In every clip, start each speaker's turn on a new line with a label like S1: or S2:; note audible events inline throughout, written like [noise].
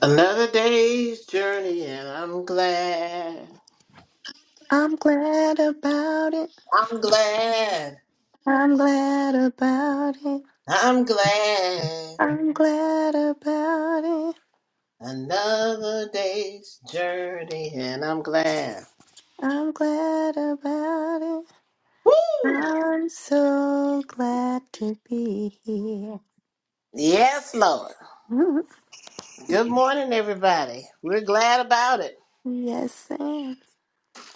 S1: Another day's journey, and I'm glad.
S2: I'm glad about it.
S1: I'm glad.
S2: I'm glad about it.
S1: I'm glad.
S2: I'm glad about it.
S1: Another day's journey, and I'm glad.
S2: I'm glad about it.
S1: Woo!
S2: I'm so glad to be here.
S1: Yes, Lord.
S2: Mhm.
S1: Good morning, everybody. We're glad about it.
S2: yes, Sam.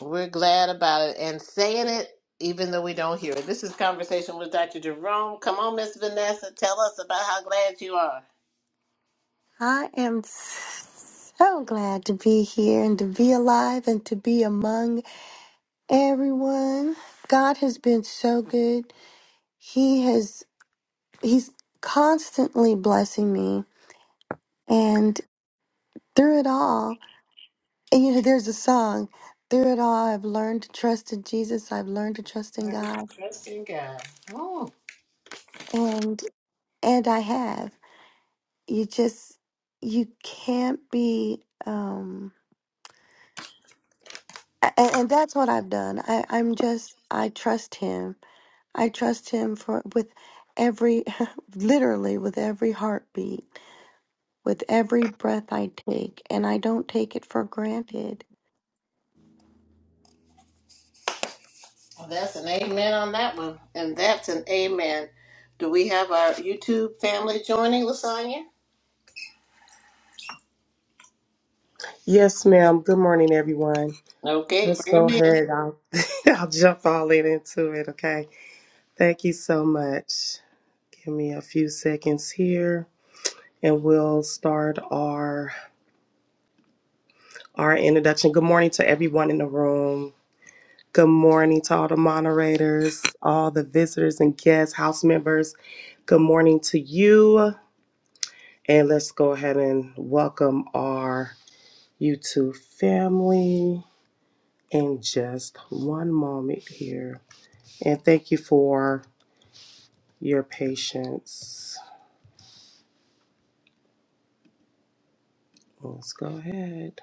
S1: We're glad about it and saying it even though we don't hear it. This is Conversation with Dr. Jerome. Come on, Miss Vanessa. Tell us about how glad you are.
S2: I am so glad to be here and to be alive and to be among everyone. God has been so good. He has, He's constantly blessing me. And through it all, And you know, there's a song, through it all, I've learned to trust in Jesus. I've learned to trust in
S1: I'm
S2: God.
S1: trusting God.
S2: And and I have. You just you can't be um and, and that's what I've done. I, I'm just I trust him. I trust him for with every [laughs] literally with every heartbeat, with every breath I take, and I don't take it for granted.
S1: Well, that's an amen on that one. And that's an amen. Do we have our YouTube family joining, Lasagna?
S3: Yes, ma'am. Good morning, everyone.
S1: Okay,
S3: Let's
S1: bring them
S3: go
S1: in.
S3: ahead. I'll, [laughs] I'll jump all in into it, okay? Thank you so much. Give me a few seconds here and we'll start our our introduction. Good morning to everyone in the room. Good morning to all the moderators, all the visitors and guests, house members. Good morning to you. And let's go ahead and welcome our YouTube family in just one moment here. And thank you for your patience. Let's go ahead.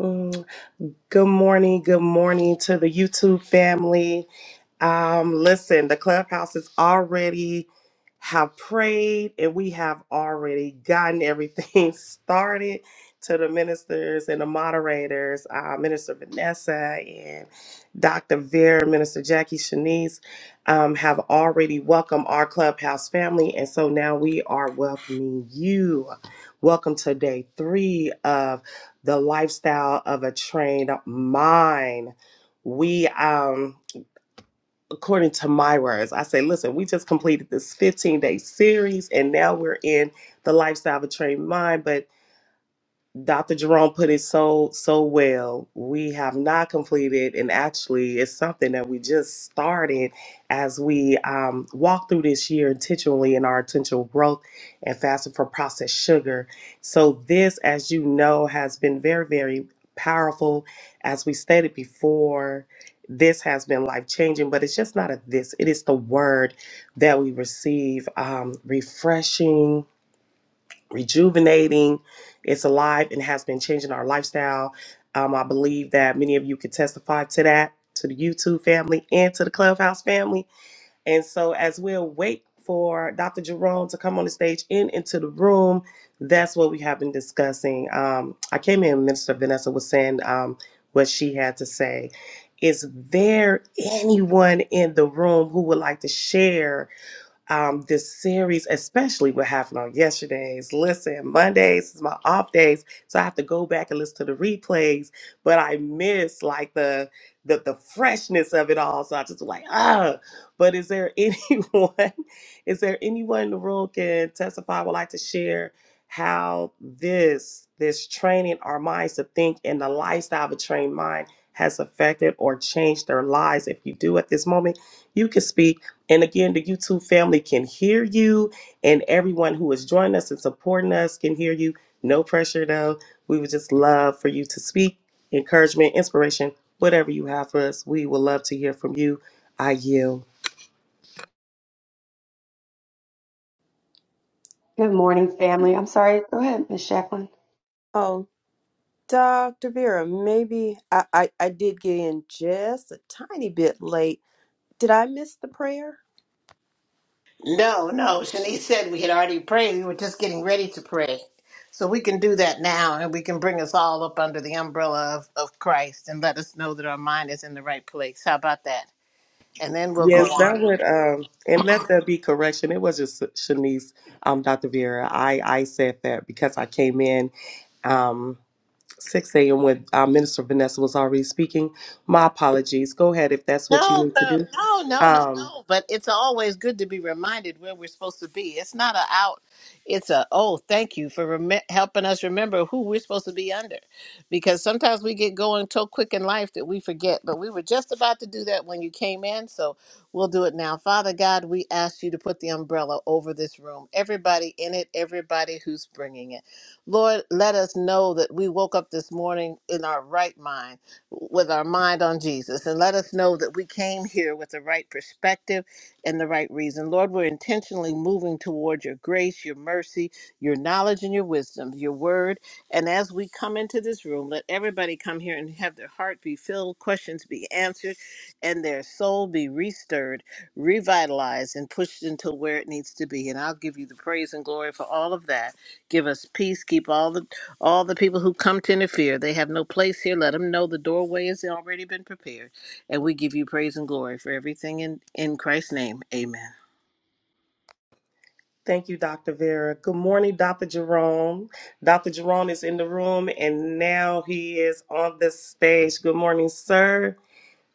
S3: Oh, good morning. Good morning to the YouTube family. Um, listen, the clubhouse is already have prayed and we have already gotten everything [laughs] started to the ministers and the moderators, uh, Minister Vanessa and Dr. Vera, Minister Jackie Shanice, um, have already welcomed our clubhouse family. And so now we are welcoming you. Welcome to day three of the lifestyle of a trained mind. We, um, according to my words, I say, listen, we just completed this 15 day series and now we're in the lifestyle of a trained mind. But Dr. Jerome put it so so well. We have not completed, and actually, it's something that we just started as we um, walk through this year intentionally in our intentional growth and fasting for processed sugar. So this, as you know, has been very very powerful. As we stated before, this has been life changing, but it's just not a this. It is the word that we receive, um, refreshing rejuvenating. It's alive and has been changing our lifestyle. Um, I believe that many of you could testify to that, to the YouTube family and to the Clubhouse family. And so, as we'll wait for Dr. Jerome to come on the stage and into the room, that's what we have been discussing. Um, I came in, Minister Vanessa was saying um, what she had to say. Is there anyone in the room who would like to share? um, this series, especially what happened on yesterday's. Listen, Mondays is my off days, so I have to go back and listen to the replays. But I miss like the the, the freshness of it all. So I just like ah. But is there [laughs] anyone? Is there anyone in the room can testify? Would like to share how this this training our minds to think and the lifestyle of a trained mind has affected or changed their lives. If you do at this moment, you can speak and again, the YouTube family can hear you, and everyone who is joining us and supporting us can hear you. No pressure, though. We would just love for you to speak, encouragement, inspiration, whatever you have for us. We would love to hear from you. I yield.
S4: Good morning, family. I'm sorry. Go ahead, Miss Jacqueline.
S5: Oh, Dr. Vera, maybe I, I, I did get in just a tiny bit late. Did I miss the prayer?
S1: No, no. Shanice said we had already prayed. We were just getting ready to pray. So we can do that now and we can bring us all up under the umbrella of, of Christ and let us know that our mind is in the right place. How about that? And then we'll go
S3: Yes, that
S1: on.
S3: would, um, and let there be correction. It was just Shanice, um, Dr. Vera. I, I said that because I came in um, 6 a.m. when uh, Minister Vanessa was already speaking. My apologies. Go ahead if that's what you
S1: No,
S3: need to
S1: but-
S3: do.
S1: no, no, no,
S3: Um,
S1: no. But it's always good to be reminded where we're supposed to be. It's not a out. It's a oh, thank you for rem- helping us remember who we're supposed to be under, because sometimes we get going so quick in life that we forget. But we were just about to do that when you came in, so we'll do it now. Father God, we ask you to put the umbrella over this room, everybody in it, everybody who's bringing it. Lord, let us know that we woke up this morning in our right mind with our mind on Jesus and let us know that we came here with the right perspective and the right reason. Lord, we're intentionally moving toward your grace, your mercy, your knowledge, and your wisdom, your word. And as we come into this room, let everybody come here and have their heart be filled, questions be answered, and their soul be restirred, revitalized, and pushed into where it needs to be. And I'll give you the praise and glory for all of that. Give us peace. Keep all the all the people who come to interfere, they have no place here. Let them know the doorway has already been prepared. And we give you praise and glory for everything in, in Christ's name. Amen.
S3: Thank you, Dr. Vera. Good morning, Dr. Jerome. Dr. Jerome is in the room and now he is on the stage. Good morning, sir.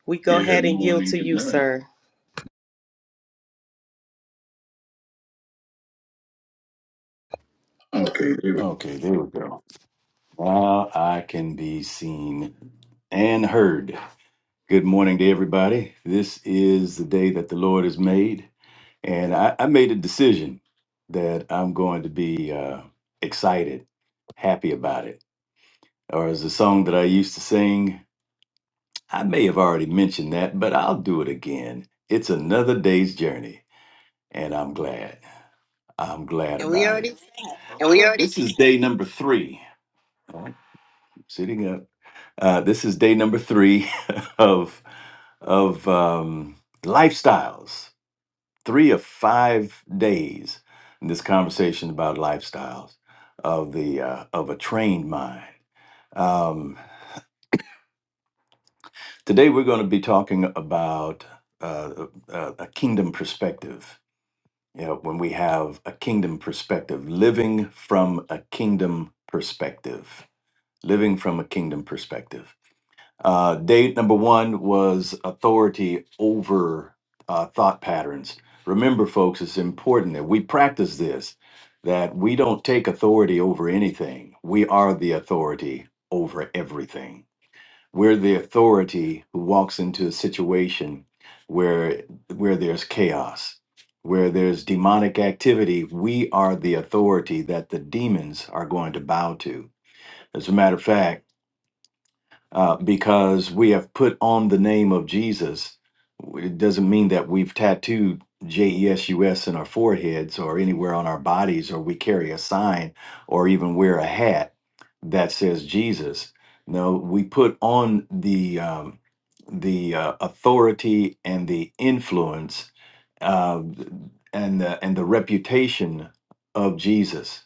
S3: We go Yeah, ahead good and yield morning, to good you, night. sir. Okay,
S6: Okay, there we go. Now I can be seen and heard. Good morning to everybody. This is the day that the Lord has made. And I, I made a decision that I'm going to be uh, excited, happy about it. Or as a song that I used to sing, I may have already mentioned that, but I'll do it again. It's another day's journey. And I'm glad. I'm glad
S1: And we
S6: about
S1: already
S6: it.
S1: said,
S6: And we already This is day number three. All right, I'm sitting up. Uh, this is day number three [laughs] of of um, lifestyles. Three of five days in this conversation about lifestyles of the uh, of a trained mind. Um, today we're going to be talking about uh, a, a kingdom perspective. You know, when we have a kingdom perspective, living from a kingdom perspective, living from a kingdom perspective. Uh, date number one was authority over uh, thought patterns. Remember, folks, it's important that we practice this, that we don't take authority over anything. We are the authority over everything. We're the authority who walks into a situation where, where there's chaos, where there's demonic activity. We are the authority that the demons are going to bow to. As a matter of fact, uh, because we have put on the name of Jesus. It doesn't mean that we've tattooed J E S U S in our foreheads or anywhere on our bodies, or we carry a sign or even wear a hat that says Jesus. No, we put on the um, the uh, authority and the influence uh, and the, and the reputation of Jesus.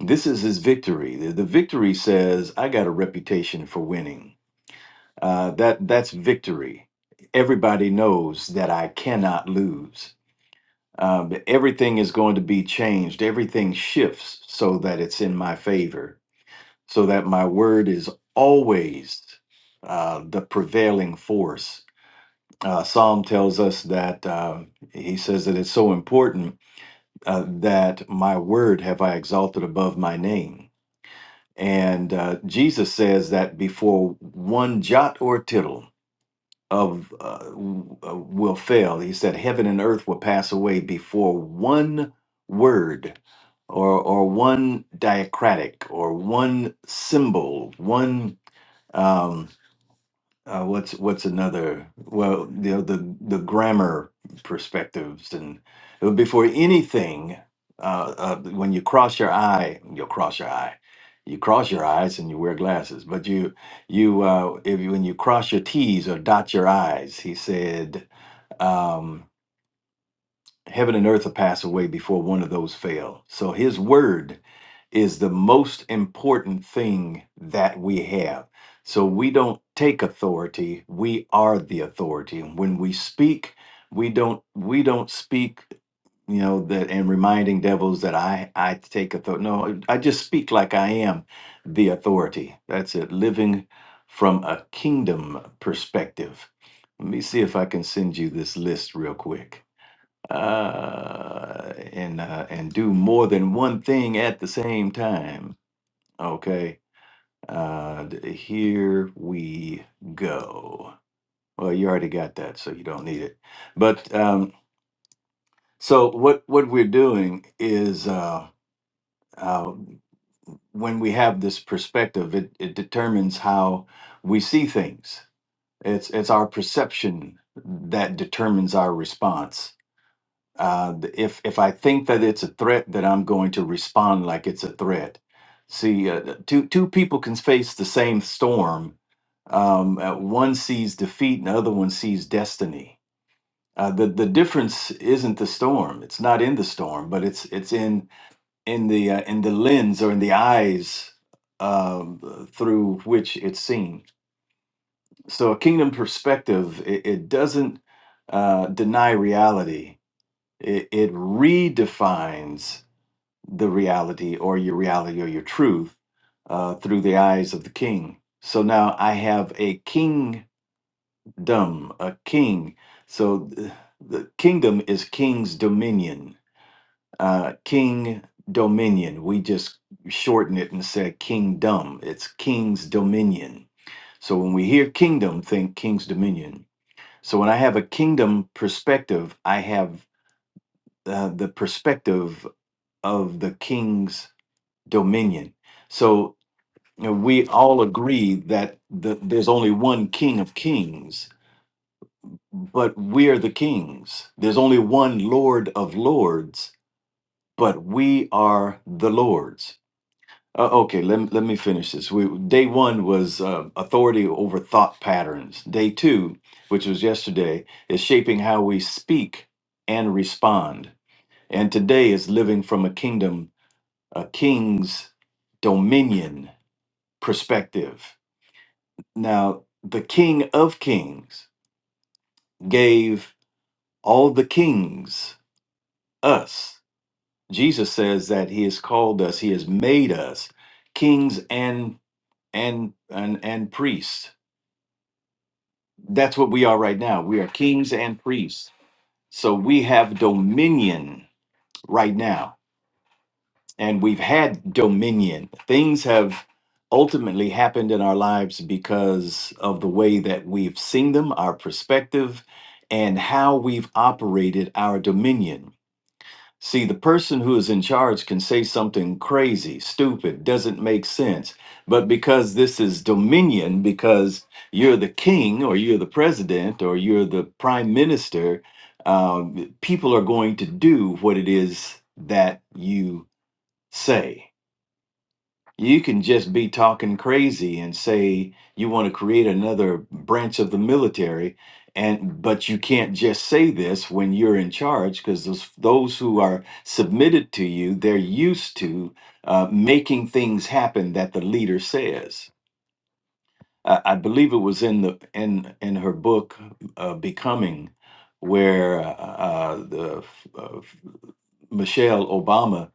S6: This is his victory. The, the victory says, "I got a reputation for winning." Uh, that that's victory. Everybody knows that I cannot lose. Um, everything is going to be changed. Everything shifts so that it's in my favor. So that my word is always uh, the prevailing force. Uh, Psalm tells us that uh, he says that it's so important uh, that my word have I exalted above my name. And uh, Jesus says that before one jot or tittle, of uh, w- uh, will fail. He said, "Heaven and earth will pass away before one word, or or one diacritic, or one symbol, one." Um, uh, what's what's another well you know the the grammar perspectives and uh, before anything uh, uh, when you cross your eye you'll cross your eye you cross your eyes and you wear glasses but you you uh, if you, when you cross your t's or dot your i's he said Um, heaven and earth will pass away before one of those fail. So his word is the most important thing that we have. So we don't take authority, we are the authority. When we speak, we don't we don't speak you know that and reminding devils that i i take authority no i just speak like i am the authority that's it living from a kingdom perspective let me see if i can send you this list real quick uh, and uh, and do more than one thing at the same time. Okay, uh, d- here we go. Well, you already got that, so you don't need it. But um, so what what we're doing is uh, uh, when we have this perspective, it, it determines how we see things. It's it's our perception that determines our response uh, th- if if I think that it's a threat, then I'm going to respond like it's a threat. See, uh, th- two two people can face the same storm. Um, uh, one sees defeat, and the other one sees destiny. Uh, the the difference isn't the storm; it's not in the storm, but it's it's in in the uh, in the lens or in the eyes um, through which it's seen. So, a kingdom perspective it, it doesn't uh, deny reality it, it redefines the reality or your reality or your truth uh, through the eyes of the king. So now I have a kingdom, a king. So th- the kingdom is king's dominion, uh, king dominion. We just shorten it and said kingdom. It's king's dominion. So when we hear kingdom, think king's dominion. So when I have a kingdom perspective, I have uh, the perspective of the king's dominion. So you know, we all agree that the, there's only one king of kings, but we are the kings. There's only one lord of lords, but we are the lords. Uh, okay, let, let me finish this. We, day one was uh, authority over thought patterns. Day two, which was yesterday, is shaping how we speak and respond. And today is living from a kingdom a king's dominion perspective. Now, the King of Kings gave all the kings us. Jesus says that he has called us, he has made us kings and and and, and priests. That's what we are right now. We are kings and priests. So we have dominion right now and we've had dominion. Things have ultimately happened in our lives because of the way that we've seen them, our perspective, and how we've operated our dominion. See, the person who is in charge can say something crazy, stupid, doesn't make sense. But because this is dominion, because you're the king or you're the president or you're the prime minister, um, people are going to do what it is that you say. You can just be talking crazy and say you want to create another branch of the military, and but you can't just say this when you're in charge because those those who are submitted to you, they're used to uh, making things happen that the leader says. I, I believe it was in the in in her book uh, Becoming, where uh, uh, the uh, Michelle Obama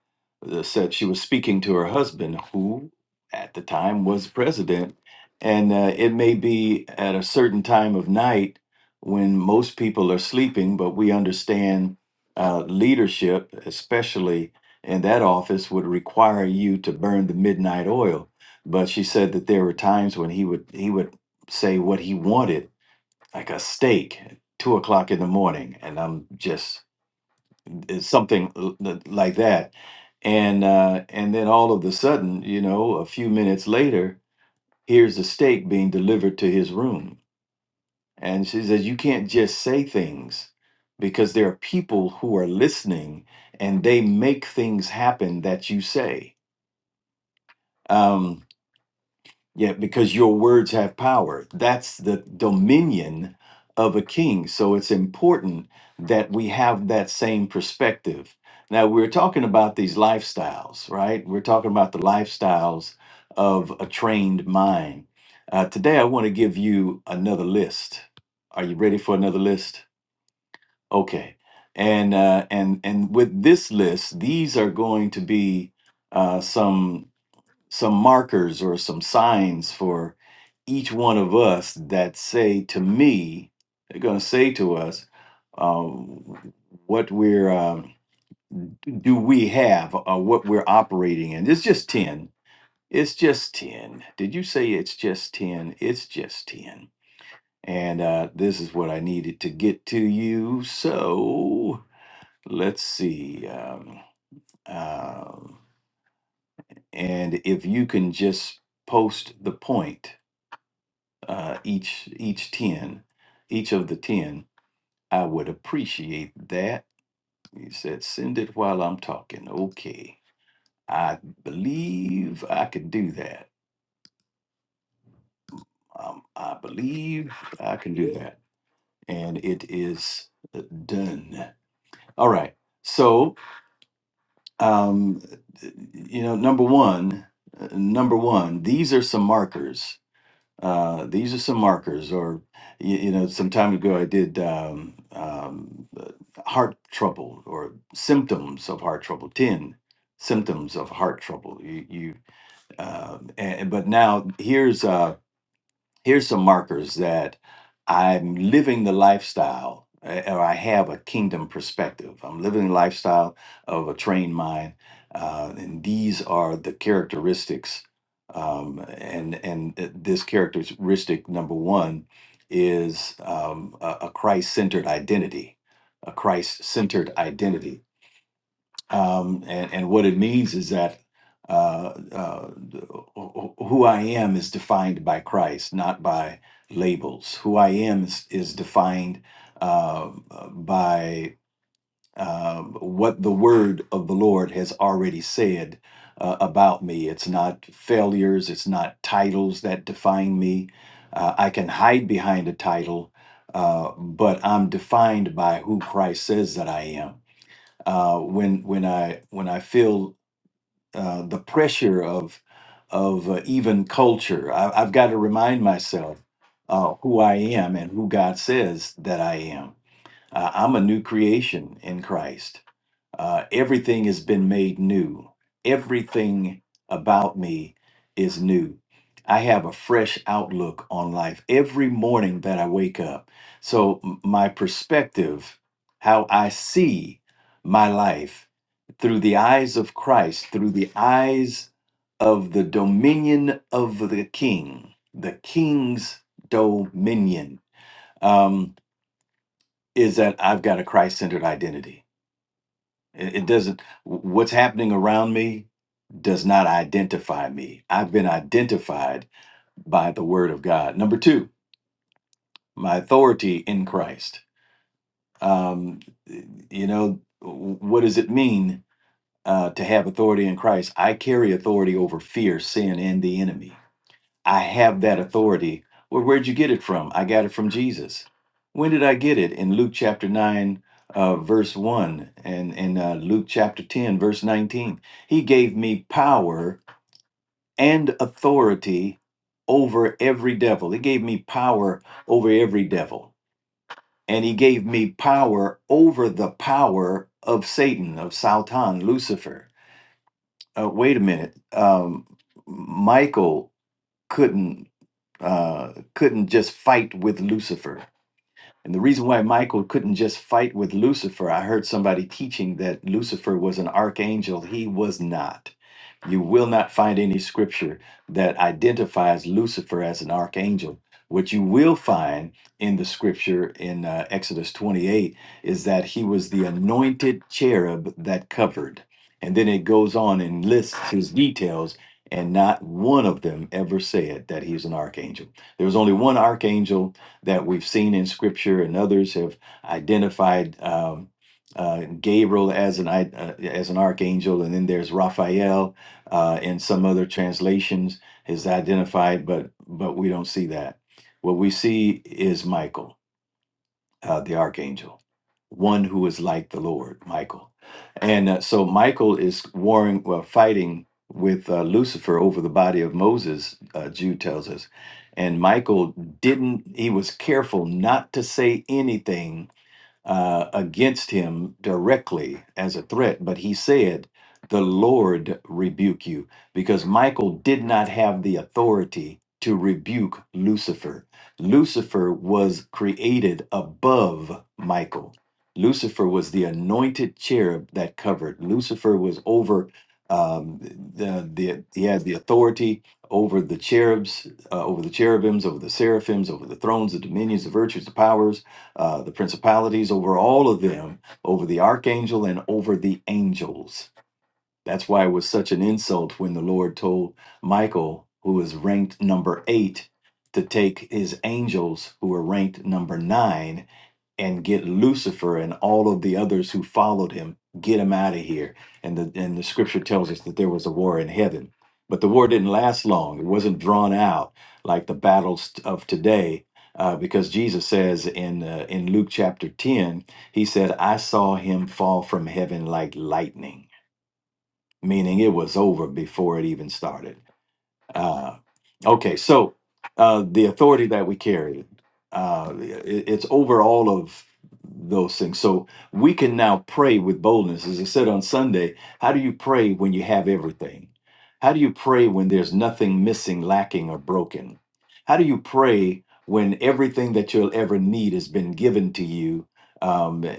S6: uh, said she was speaking to her husband, who at the time was president. And uh, it may be at a certain time of night when most people are sleeping, but we understand uh, leadership, especially in that office, would require you to burn the midnight oil. But she said that there were times when he would he would say what he wanted, like a steak, at two o'clock in the morning, and I'm just is something l- l- like that and uh, and then all of a sudden you know a few minutes later here's a steak being delivered to his room and she says you can't just say things because there are people who are listening and they make things happen that you say Um, Yeah, because your words have power. That's the dominion of a king. So it's important that we have that same perspective. Now, we're talking about these lifestyles, right? We're talking about the lifestyles of a trained mind. Uh, today, I want to give you another list. Are you ready for another list? Okay. And uh, and and with this list, these are going to be uh, some some markers or some signs for each one of us that say to me, they're going to say to us, um, what we're um, do we have or what we're operating in. It's just ten. It's just ten. Did you say it's just ten? It's just ten. And uh, this is what I needed to get to you. So let's see. Um, um, and if you can just post the point, uh, each each ten, each of the ten I would appreciate that. He said, send it while I'm talking. Okay. I believe I can do that. Um, I believe I can do that. And it is done. All right. So, um, you know, number one, uh, number one, these are some markers uh, these are some markers or you, you know some time ago i did um, um, uh, heart trouble or symptoms of heart trouble 10 symptoms of heart trouble you, you uh, and, but now here's uh, here's some markers that I'm living the lifestyle eh, or I have a kingdom perspective. I'm living the lifestyle of a trained mind. Uh, and these are the characteristics. Um, and and th- this characteristic number one is um, a, Christ centered identity, a Christ centered identity um, and, and what it means is that uh, uh, wh- who I am is defined by Christ, not by labels. Who I am is, is defined uh, by uh, what the word of the Lord has already said uh, about me. It's not failures, it's not titles that define me. Uh, I can hide behind a title, uh, but I'm defined by who Christ says that I am uh, when when I when I feel uh, the pressure of of uh, even culture. I, I've got to remind myself uh, who I am and who God says that I am. Uh, I'm a new creation in Christ uh, everything has been made new. Everything about me is new. I have a fresh outlook on life every morning that I wake up. So, m- my perspective, how I see my life through the eyes of Christ, through the eyes of the dominion of the King, the King's dominion, um, is that I've got a Christ centered identity it, it doesn't, what's happening around me does not identify me. I've been identified by the word of God. Number two, my authority in Christ. Um, you know, what does it mean uh, to have authority in Christ? I carry authority over fear, sin, and the enemy I have that authority. Well, where'd you get it from? I got it from Jesus. When did I get it? In Luke chapter 9, uh, verse 1, and in uh, Luke chapter 10, verse 19. He gave me power and authority over every devil. He gave me power over every devil. And he gave me power over the power of Satan, of Satan, Lucifer. Uh, wait a minute. Um, Michael couldn't uh, couldn't just fight with Lucifer. And the reason why Michael couldn't just fight with Lucifer, I heard somebody teaching that Lucifer was an archangel. He was not. You will not find any scripture that identifies Lucifer as an archangel. What you will find in the scripture in uh, Exodus 28 is that he was the anointed cherub that covered. And then it goes on and lists his details, and not one of them ever said that he's an archangel. There was only one archangel that we've seen in Scripture, and others have identified um, uh, Gabriel as an i- uh, as an archangel, and then there's Raphael uh, in some other translations is identified, but but we don't see that. What we see is Michael uh, the archangel, one who is like the Lord, Michael. And uh, so Michael is warring, well, fighting with uh, Lucifer over the body of Moses, uh, Jude tells us. And Michael didn't, he was careful not to say anything uh, against him directly as a threat, but he said, The Lord rebuke you, because Michael did not have the authority to rebuke Lucifer. Lucifer was created above Michael. Lucifer was the anointed cherub that covered. Lucifer was over um, the, the he had the authority over the cherubs, uh, over the cherubims, over the seraphims, over the thrones, the dominions, the virtues, the powers uh, the principalities over all of them, over the archangel and over the angels. That's why it was such an insult when the Lord told Michael, who is ranked number eight, to take his angels, who were ranked number nine, and get Lucifer and all of the others who followed him, get him out of here. And the and the scripture tells us that there was a war in heaven. But the war didn't last long. It wasn't drawn out like the battles t- of today. Uh, because Jesus says in uh, in Luke chapter 10, he said, I saw him fall from heaven like lightning, meaning it was over before it even started. Uh, okay, so uh, the authority that we carry, uh, it- it's over all of those things. So we can now pray with boldness. As I said on Sunday, how do you pray when you have everything? How do you pray when there's nothing missing, lacking, or broken? How do you pray when everything that you'll ever need has been given to you? Um, eh,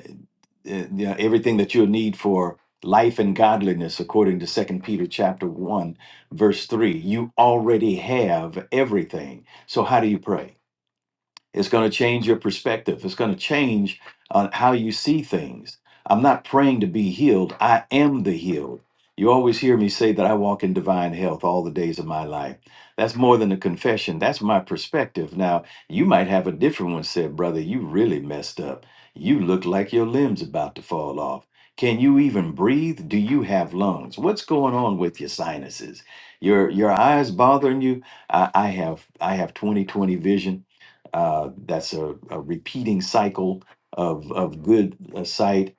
S6: eh, you know, everything that you'll need for life and godliness, according to Second Peter chapter one verse 3 you already have everything so how do you pray it's going to change your perspective. It's going to change uh, how you see things. I'm not praying to be healed. I am the healed. You always hear me say that I walk in divine health all the days of my life. That's more than a confession. That's my perspective. Now, you might have a different one said, brother, you really messed up. You look like your limbs about to fall off. Can you even breathe? Do you have lungs? What's going on with your sinuses? Your your eyes bothering you? I, I have I have 20/20 vision. Uh, that's a, a repeating cycle of of good uh, sight.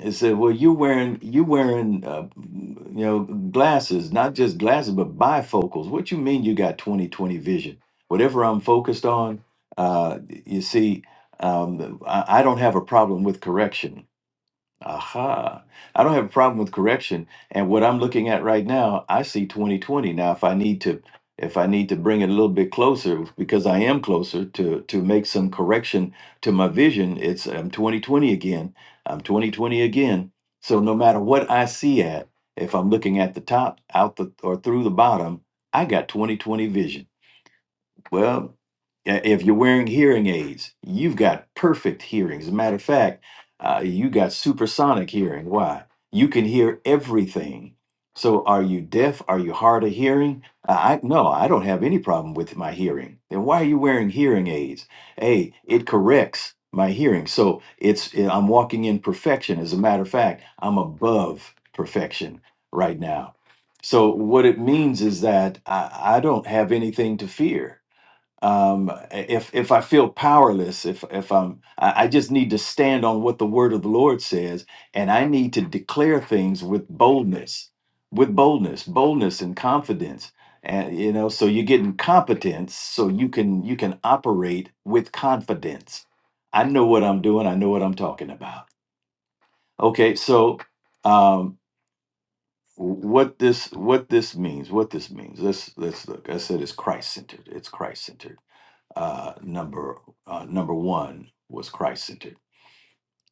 S6: It said, "Well, you wearing you wearing uh, you know glasses, not just glasses, but bifocals. What you mean you got twenty twenty vision? Whatever I'm focused on, uh, you see, um, I, I don't have a problem with correction. Aha. I don't have a problem with correction. And what I'm looking at right now, I see 2020. Now, if I need to if I need to bring it a little bit closer because I am closer to to make some correction to my vision, it's I'm 2020 again. I'm 2020 again. So no matter what I see at, if I'm looking at the top, out the or through the bottom, I got 2020 vision. Well, i- if you're wearing hearing aids, you've got perfect hearing. As a matter of fact, uh, you got supersonic hearing. Why? You can hear everything. So, are you deaf? Are you hard of hearing? Uh, I no, I don't have any problem with my hearing. Then why are you wearing hearing aids? Hey, it corrects my hearing, so it's eh, I'm walking in perfection. As a matter of fact, I'm above perfection right now. So, what it means is that I, I don't have anything to fear um if if i feel powerless if if i'm i I just need to stand on what the word of the lord says and i need to declare things with boldness with boldness boldness and confidence and you know so you're getting competence so you can you can operate with confidence i know what i'm doing i know what i'm talking about okay so um what this what this means what this means let's let's look i said it's christ centered it's christ centered uh, number uh, number one was Christ centered,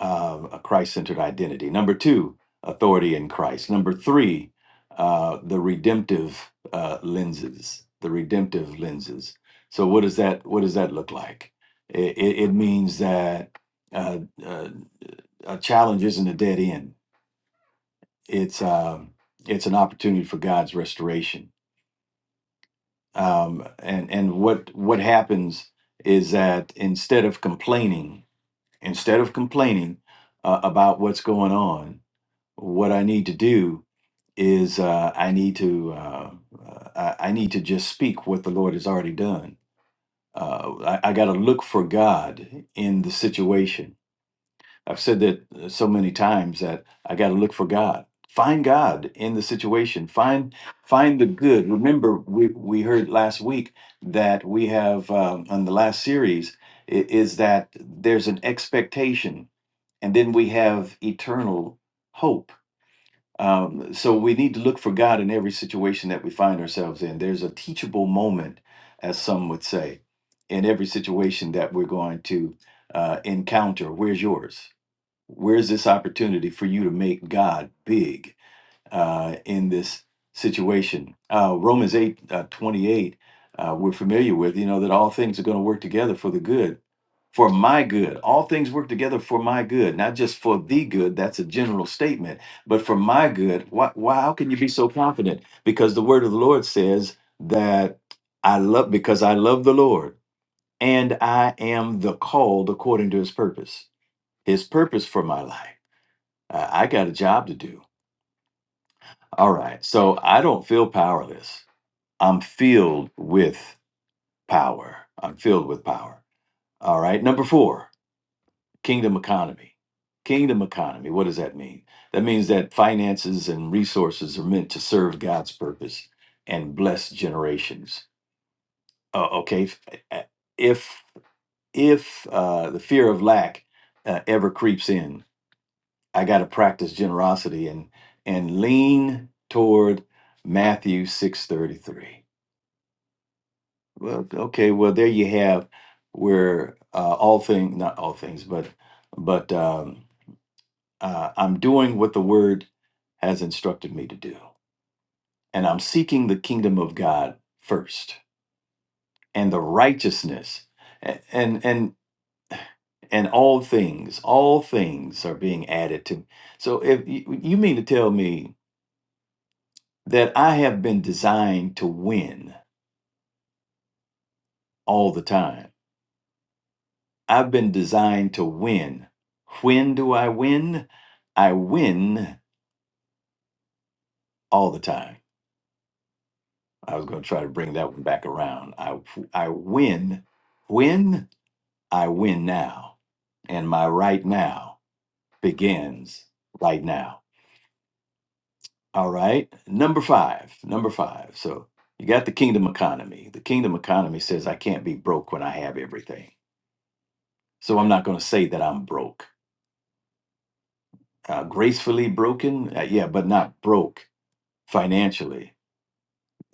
S6: uh, a Christ centered identity. Number two, authority in Christ. Number three, uh, the redemptive uh, lenses. The redemptive lenses. So what does that what does that look like? It, it, it means that uh, uh, a challenge isn't a dead end. It's um, it's an opportunity for God's restoration. Um, and and what what happens is that instead of complaining instead of complaining uh, about what's going on, what I need to do is uh, I need to uh, uh, I, I need to just speak what the Lord has already done. Uh, I, I got to look for God in the situation. I've said that uh, so many times that I got to look for God. Find God in the situation. Find find the good. Remember, we, we heard last week that we have um, on the last series i- is that there's an expectation and then we have eternal hope. Um, so we need to look for God in every situation that we find ourselves in. There's a teachable moment, as some would say, in every situation that we're going to uh, encounter. Where's yours? Where's this opportunity for you to make God big uh, in this situation? Uh, Romans 8 uh, 28, uh, we're familiar with, you know, that all things are going to work together for the good for my good. All things work together for my good, not just for the good. That's a general statement, but for my good. Why, why? How can you be so confident? Because the word of the Lord says that I love, because I love the Lord and I am the called according to his purpose, his purpose for my life. I, I got a job to do. All right. So I don't feel powerless. I'm filled with power. I'm filled with power. All right. Number four. Kingdom economy. Kingdom economy. What does that mean? That means that finances and resources are meant to serve God's purpose and bless generations. Uh, okay, if uh, if if, uh, the fear of lack uh, ever creeps in, I got to practice generosity and and lean toward Matthew six thirty three. Well, okay, well there you have where uh, all things, not all things, but but. Um, Uh, I'm doing what the word has instructed me to do. And I'm seeking the kingdom of God first and the righteousness A- and and and all things, all things are being added to. So if you you mean to tell me that I have been designed to win all the time. I've been designed to win. When do I win? I win all the time. I was going to try to bring that one back around. I I win, win, I win now, and my right now begins right now. All right, number five, number five. So you got the kingdom economy. The kingdom economy says I can't be broke when I have everything. So I'm not going to say that I'm broke. Uh, gracefully broken, uh, yeah, but not broke financially.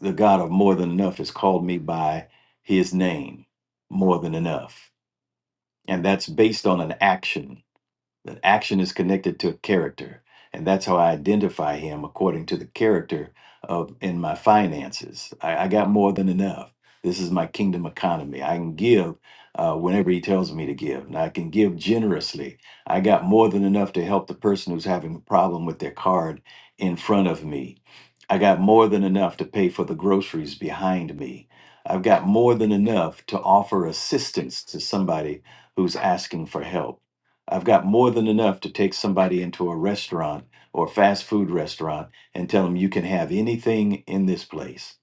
S6: The God of more than enough has called me by His name, more than enough. and that's based on an action. That action is connected to a character, and that's how I identify him according to the character of in my finances. I, I got more than enough. This is my kingdom economy. I can give uh, whenever he tells me to give, and I can give generously. I got more than enough to help the person who's having a problem with their card in front of me. I got more than enough to pay for the groceries behind me. I've got more than enough to offer assistance to somebody who's asking for help. I've got more than enough to take somebody into a restaurant or fast food restaurant and tell them you can have anything in this place.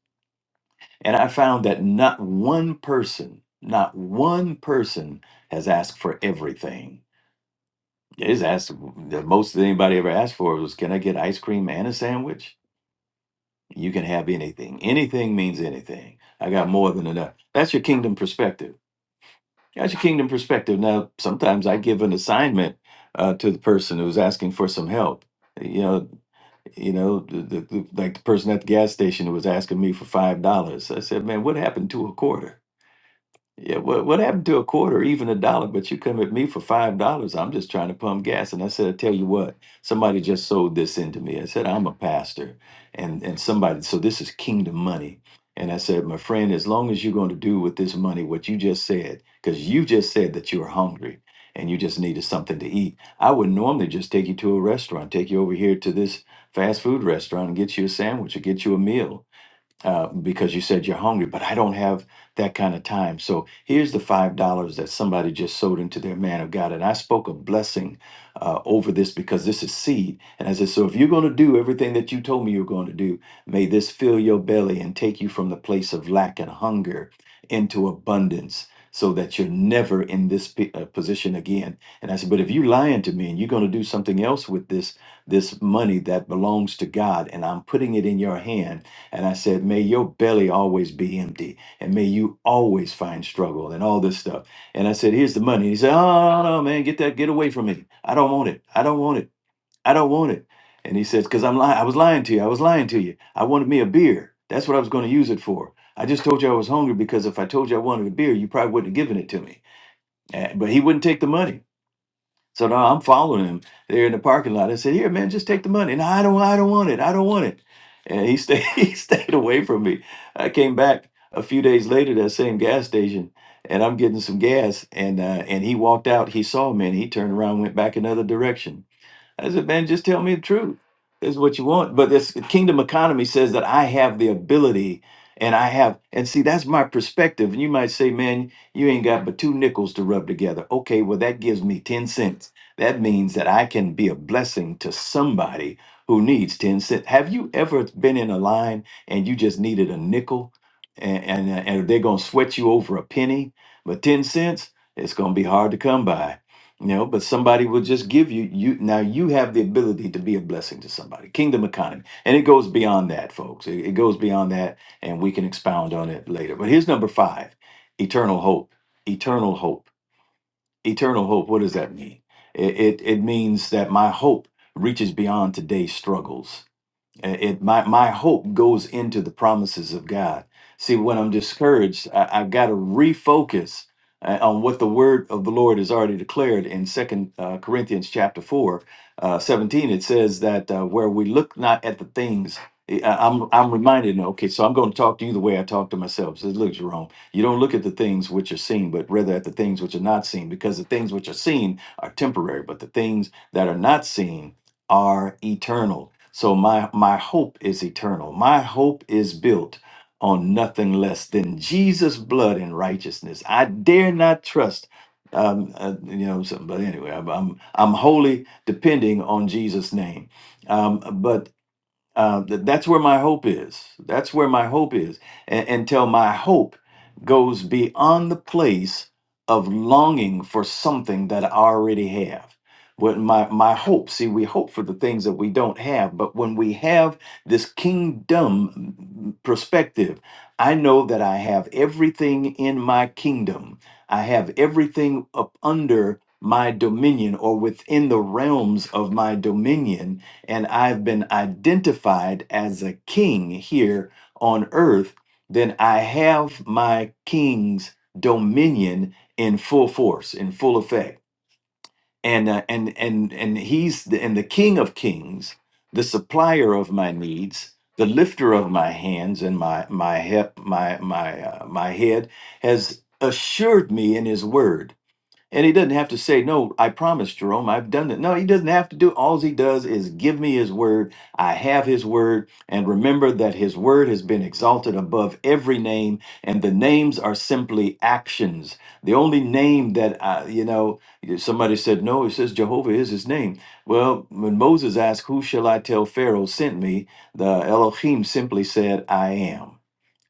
S6: And I found that not one person, not one person has asked for everything. Is asked the most that anybody ever asked for was, "Can I get ice cream and a sandwich?" You can have anything. Anything means anything. I got more than enough. That's your kingdom perspective Gotcha Kingdom perspective. Now, sometimes I give an assignment uh, to the person who's asking for some help. You know, you know, the, the, the, like the person at the gas station who was asking me for five dollars. I said, "Man, what happened to a quarter?" Yeah, what what happened to a quarter, or even a dollar? But you come at me for five dollars. I'm just trying to pump gas. And I said, I tell you what, somebody just sold this into me. I said, I'm a pastor, and and somebody, so this is kingdom money. And I said, my friend, as long as you're going to do with this money what you just said, because you just said that you were hungry and you just needed something to eat, I would normally just take you to a restaurant, take you over here to this fast food restaurant and get you a sandwich or get you a meal uh, because you said you're hungry, but I don't have that kind of time. So here's the five dollars that somebody just sowed into their man of God, and I spoke a blessing uh, over this because this is seed. And I said, so if you're going to do everything that you told me you're going to do, may this fill your belly and take you from the place of lack and hunger into abundance. So that you're never in this p- uh, position again, and I said, but if you are lying to me and you're going to do something else with this this money that belongs to God, and I'm putting it in your hand, and I said, May your belly always be empty and may you always find struggle and all this stuff. And I said, Here's the money. He said, Oh, no, no, no, man, get that, get away from me. I don't want it. I don't want it. I don't want it. And he says, Because I'm lying. I was lying to you. I was lying to you. I wanted me a beer. That's what I was going to use it for. I just told you I was hungry because if I told you I wanted a beer, you probably wouldn't have given it to me. Uh, But he wouldn't take the money. So now I'm following him there in the parking lot. I said, "Here, man, just take the money." And I don't, I don't want it. I don't want it. And he stayed, [laughs] he stayed away from me. I came back a few days later to that same gas station, and I'm getting some gas. And uh, and he walked out. He saw me, and he turned around, went back another direction. I said, man, just tell me the truth. That's what you want. But this kingdom economy says that I have the ability and I have, and see, that's my perspective. And you might say, man, you ain't got but two nickels to rub together. Okay, well, that gives me 10 cents. That means that I can be a blessing to somebody who needs 10 cents. Have you ever been in a line and you just needed a nickel and, and, and they're going to sweat you over a penny? But 10 cents, it's going to be hard to come by you know, but somebody will just give you you now you have the ability to be a blessing to somebody. Kingdom economy. And it goes beyond that, folks. It, it goes beyond that and we can expound on it later. But here's number 5. Eternal hope. Eternal hope. Eternal hope. What does that mean? It it, it means that my hope reaches beyond today's struggles uh, It my my hope goes into the promises of God. See, when I'm discouraged, I, I've got to refocus uh, on what the word of the Lord has already declared in Second uh, Corinthians chapter four, uh, seventeen. It says that uh, where we look not at the things. eh, I- I'm I'm reminded. Okay, so I'm going to talk to you the way I talk to myself. Says, look, Jerome, you don't look at the things which are seen, but rather at the things which are not seen, because the things which are seen are temporary, but the things that are not seen are eternal. So my my hope is eternal. My hope is built on nothing less than Jesus' blood and righteousness. I dare not trust, um, uh, you know, something. But anyway, I'm, I'm I'm wholly depending on Jesus' name. Um, but uh, th- that's where my hope is. That's where my hope is. A- until my hope goes beyond the place of longing for something that I already have. What my, my hope, see, we hope for the things that we don't have, but when we have this kingdom mm, perspective, I know that I have everything in my kingdom. I have everything up under my dominion or within the realms of my dominion and I've been identified as a king here on earth, then I have my king's dominion in full force, in full effect. And uh, and and and he's the, and the king of kings, the supplier of my needs, the lifter of my hands and my my hip, my my uh, my head has assured me in his word and he doesn't have to say, No, I promise, Jerome, I've done it. No, he doesn't have to do. All he does is give me his word. I have his word. And remember that his word has been exalted above every name. And the names are simply actions. The only name that, I, you know, somebody said, No, it says Jehovah is his name. Well, when Moses asked, Who shall I tell Pharaoh sent me? The Elohim simply said, I am.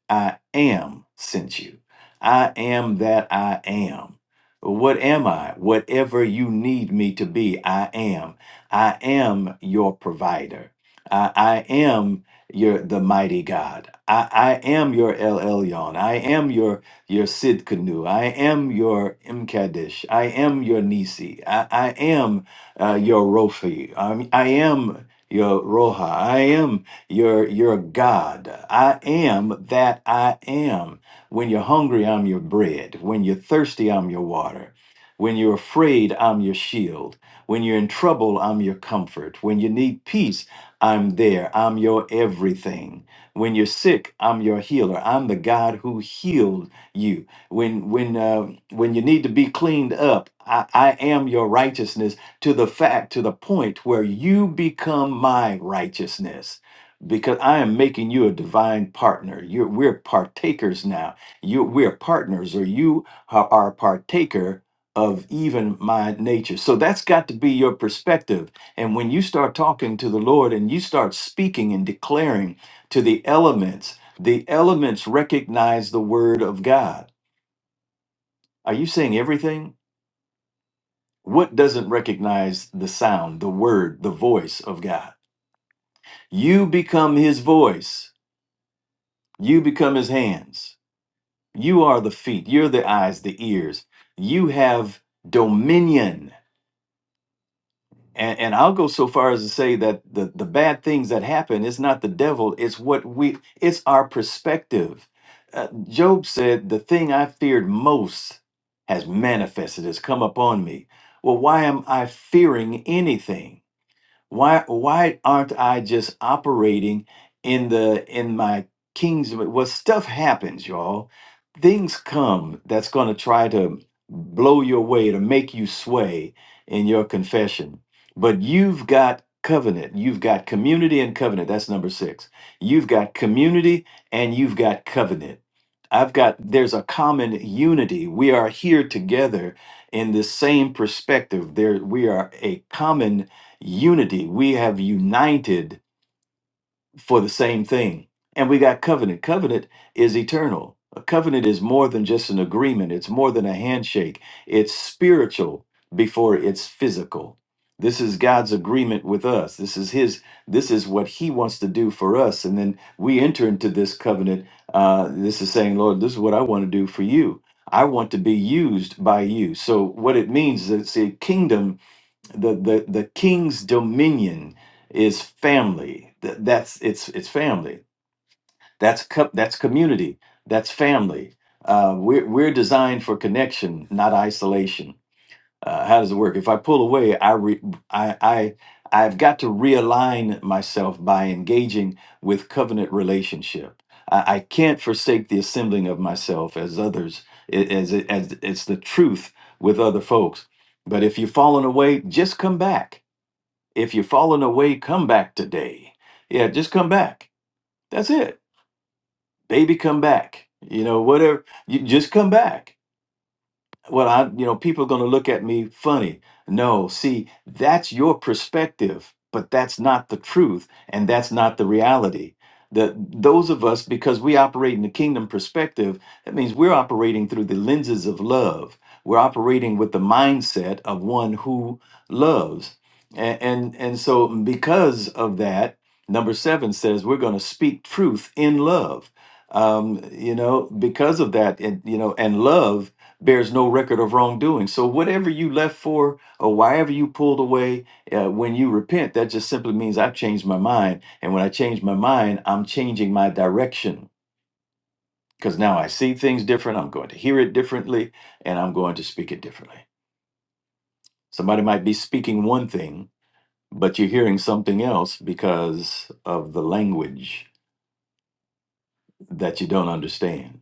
S6: I am sent you. I am that I am. What am I? Whatever you need me to be, I am. I am your provider. I, I am your the mighty God. I, I am your El Elyon. I am your your Sid Canoe. I am your Mkadesh. I am your Nisi. I, I am uh, your Rofi. i I am your Roha. I am you're you're God. I am that I am. When you're hungry, I'm your bread. When you're thirsty, I'm your water. When you're afraid, I'm your shield. When you're in trouble, I'm your comfort. When you need peace, I'm there. I'm your everything. When you're sick, I'm your healer. I'm the God who healed you. When when uh, when you need to be cleaned up, I, I am your righteousness to the fact to the point where you become my righteousness because I am making you a divine partner. You're, we're partakers now. You, we're partners, or you are, are a partaker of even my nature. So that's got to be your perspective. And when you start talking to the Lord and you start speaking and declaring to the elements, the elements recognize the word of God. Are you saying everything? What doesn't recognize the sound, the word, the voice of God? You become his voice. You become his hands You are the feet, you're the eyes, the ears. You have dominion. And, and I'll go so far as to say that the, the bad things that happen is not the devil, it's what we it's our perspective. Uh, Job said, The thing I feared most has manifested, has come upon me. Well, why am I fearing anything? Why why aren't I just operating in the in my king's well stuff happens, y'all. Things come that's gonna try to blow your way to make you sway in your confession. But you've got covenant, you've got community and covenant. That's number six. You've got community and you've got covenant. I've got there's a common unity. We are here together in the same perspective. There we are a common unity. We have united for the same thing. And we got covenant. Covenant is eternal. A covenant is more than just an agreement, it's more than a handshake. It's spiritual before it's physical. This is God's agreement with us. This is his this is what he wants to do for us and then we enter into this covenant uh this is saying, Lord, this is what I want to do for you. I want to be used by you. So what it means is it's a kingdom the the the king's dominion is family. Th- That's it's it's family. That's co- that's community. That's family. Uh, we're we're designed for connection, not isolation. Uh, how does it work? If I pull away, I re- I I I've got to realign myself by engaging with covenant relationship. I, I can't forsake the assembling of myself as others, i- as, as as it's the truth with other folks. But if you've fallen away, just come back if you're falling away, come back today. Yeah, just come back. That's it. Baby, come back. You know, whatever. You just come back well i you know people are going to look at me funny no see that's your perspective but that's not the truth and that's not the reality that those of us because we operate in the kingdom perspective that means we're operating through the lenses of love we're operating with the mindset of one who loves and and, and so because of that number seven says we're going to speak truth in love um, you know because of that and you know and love bears no record of wrongdoing. So whatever you left for or wherever you pulled away, uh, when you repent, that just simply means I've changed my mind. And when I change my mind, I'm changing my direction because now I see things different. I'm going to hear it differently and I'm going to speak it differently. Somebody might be speaking one thing, but you're hearing something else because of the language that you don't understand.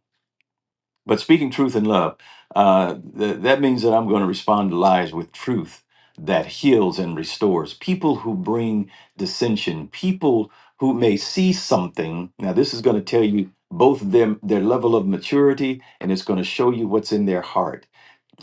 S6: But speaking truth in love, uh, th- that means that I'm going to respond to lies with truth that heals and restores. People who bring dissension, people who may see something. Now, this is going to tell you both them their level of maturity, and it's going to show you what's in their heart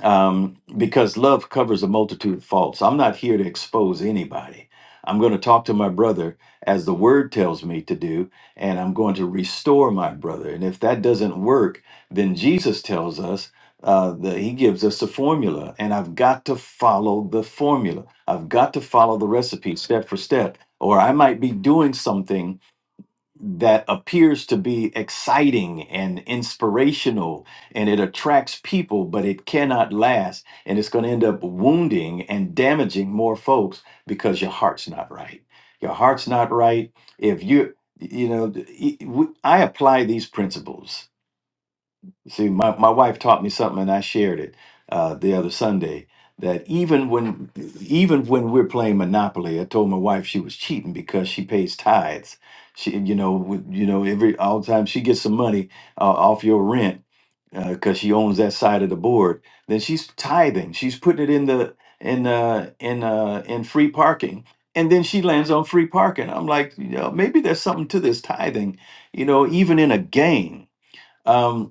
S6: um, because love covers a multitude of faults. I'm not here to expose anybody. I'm going to talk to my brother as the word tells me to do, and I'm going to restore my brother. And if that doesn't work, then Jesus tells us uh, that he gives us a formula, and I've got to follow the formula. I've got to follow the recipe step for step, or I might be doing something that appears to be exciting and inspirational and it attracts people, but it cannot last. And it's going to end up wounding and damaging more folks because your heart's not right. Your heart's not right. If you, you know, e- e- we- I apply these principles See, my, my wife taught me something, and I shared it uh, the other Sunday. That even when even when we're playing Monopoly, I told my wife she was cheating because she pays tithes. She, you know, with- you know, every all the time she gets some money uh, off your rent because she owns that side of the board. Then she's tithing. She's putting it in the in uh, in uh, in free parking, and then she lands on free parking. I'm like, you know, maybe there's something to this tithing. You know, even in a game. Um,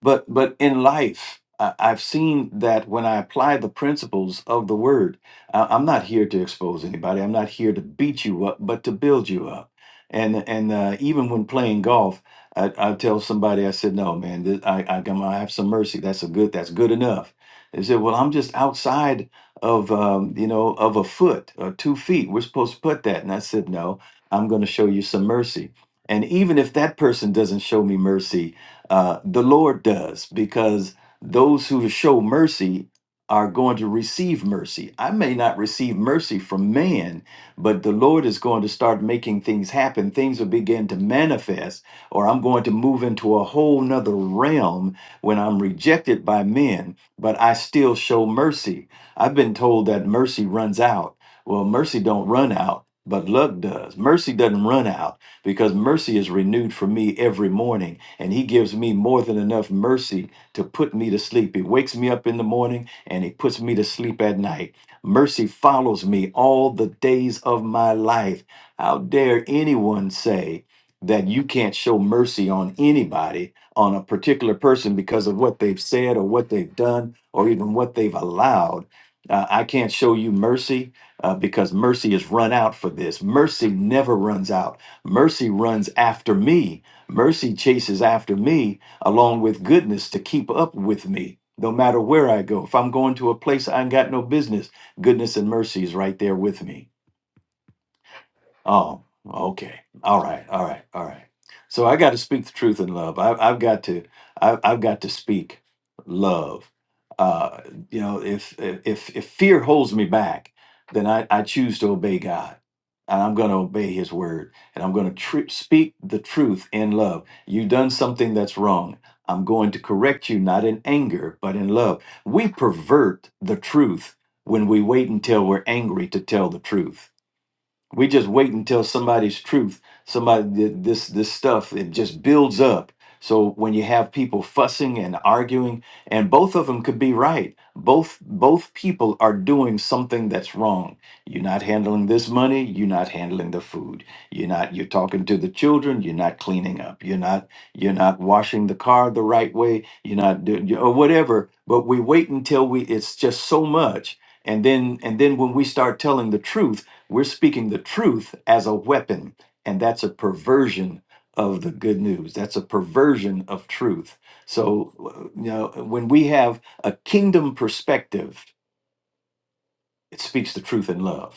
S6: but but in life, I, I've seen that when I apply the principles of the word, I, I'm not here to expose anybody. I'm not here to beat you up, but to build you up. And and uh, even when playing golf, I, I tell somebody, I said, "No, man, this, I I, come, I have some mercy. That's a good. That's good enough." They said, "Well, I'm just outside of um, you know of a foot or two feet. We're supposed to put that." And I said, "No, I'm going to show you some mercy." And even if that person doesn't show me mercy, uh, the Lord does, because those who show mercy are going to receive mercy. I may not receive mercy from man, but the Lord is going to start making things happen. Things will begin to manifest, or I'm going to move into a whole nother realm when I'm rejected by men, but I still show mercy. I've been told that mercy runs out. Well, mercy don't run out, but love does. Mercy doesn't run out because mercy is renewed for me every morning and he gives me more than enough mercy to put me to sleep. He wakes me up in the morning and he puts me to sleep at night. Mercy follows me all the days of my life. How dare anyone say that you can't show mercy on anybody, on a particular person, because of what they've said or what they've done or even what they've allowed? Uh, I can't show you mercy uh, because mercy is run out for this. Mercy never runs out. Mercy runs after me Mercy chases after me along with goodness to keep up with me. No matter where I go, if I'm going to a place I ain't got no business, goodness and mercy is right there with me. Oh, okay. All right. All right. All right. So I got to speak the truth in love. I, I've got to. I, I've got to speak love. Uh, you know, if if if fear holds me back, then I, I choose to obey God, and I'm going to obey His word, and I'm going to tr- speak the truth in love. You've done something that's wrong. I'm going to correct you, not in anger, but in love. We pervert the truth when we wait until we're angry to tell the truth we just wait until somebody's truth somebody th- this this stuff it just builds up so when you have people fussing and arguing and both of them could be right both both people are doing something that's wrong you're not handling this money you're not handling the food you're not you're talking to the children you're not cleaning up you're not you're not washing the car the right way you're not doing or whatever but we wait until we it's just so much and then and then when we start telling the truth we're speaking the truth as a weapon, and that's a perversion of the good news. That's a perversion of truth. So, uh, you know, when we have a kingdom perspective, it speaks the truth in love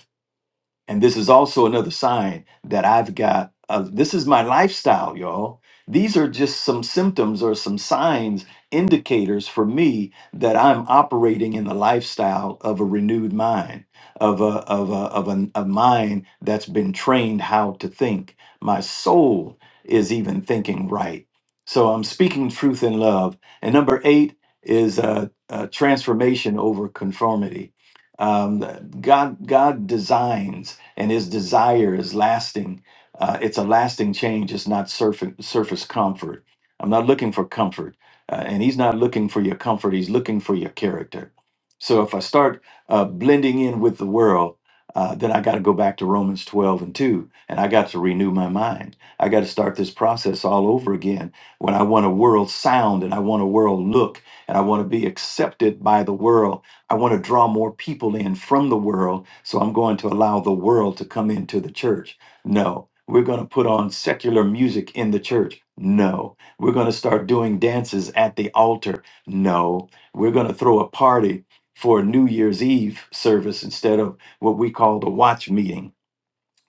S6: and this is also another sign that I've got, uh, this is my lifestyle, y'all. These are just some symptoms or some signs, indicators for me that I'm operating in the lifestyle of a renewed mind, of a, of a, of an- a mind that's been trained how to think. My soul is even thinking right. So I'm speaking truth in love. And number eight is uh, uh, transformation over conformity. Um, God, God designs and his desire is lasting. Uh, it's a lasting change. It's not surface, surface comfort. I'm not looking for comfort, uh, and he's not looking for your comfort. He's looking for your character. So if I start uh, blending in with the world, uh, then I got to go back to Romans 12 and 2, and I got to renew my mind. I got to start this process all over again when I want a world sound and I want a world look and I want to be accepted by the world I want to draw more people in from the world, so I'm going to allow the world to come into the church. No. We're going to put on secular music in the church. No. We're going to start doing dances at the altar. No. We're going to throw a party for New Year's Eve service instead of what we call the watch meeting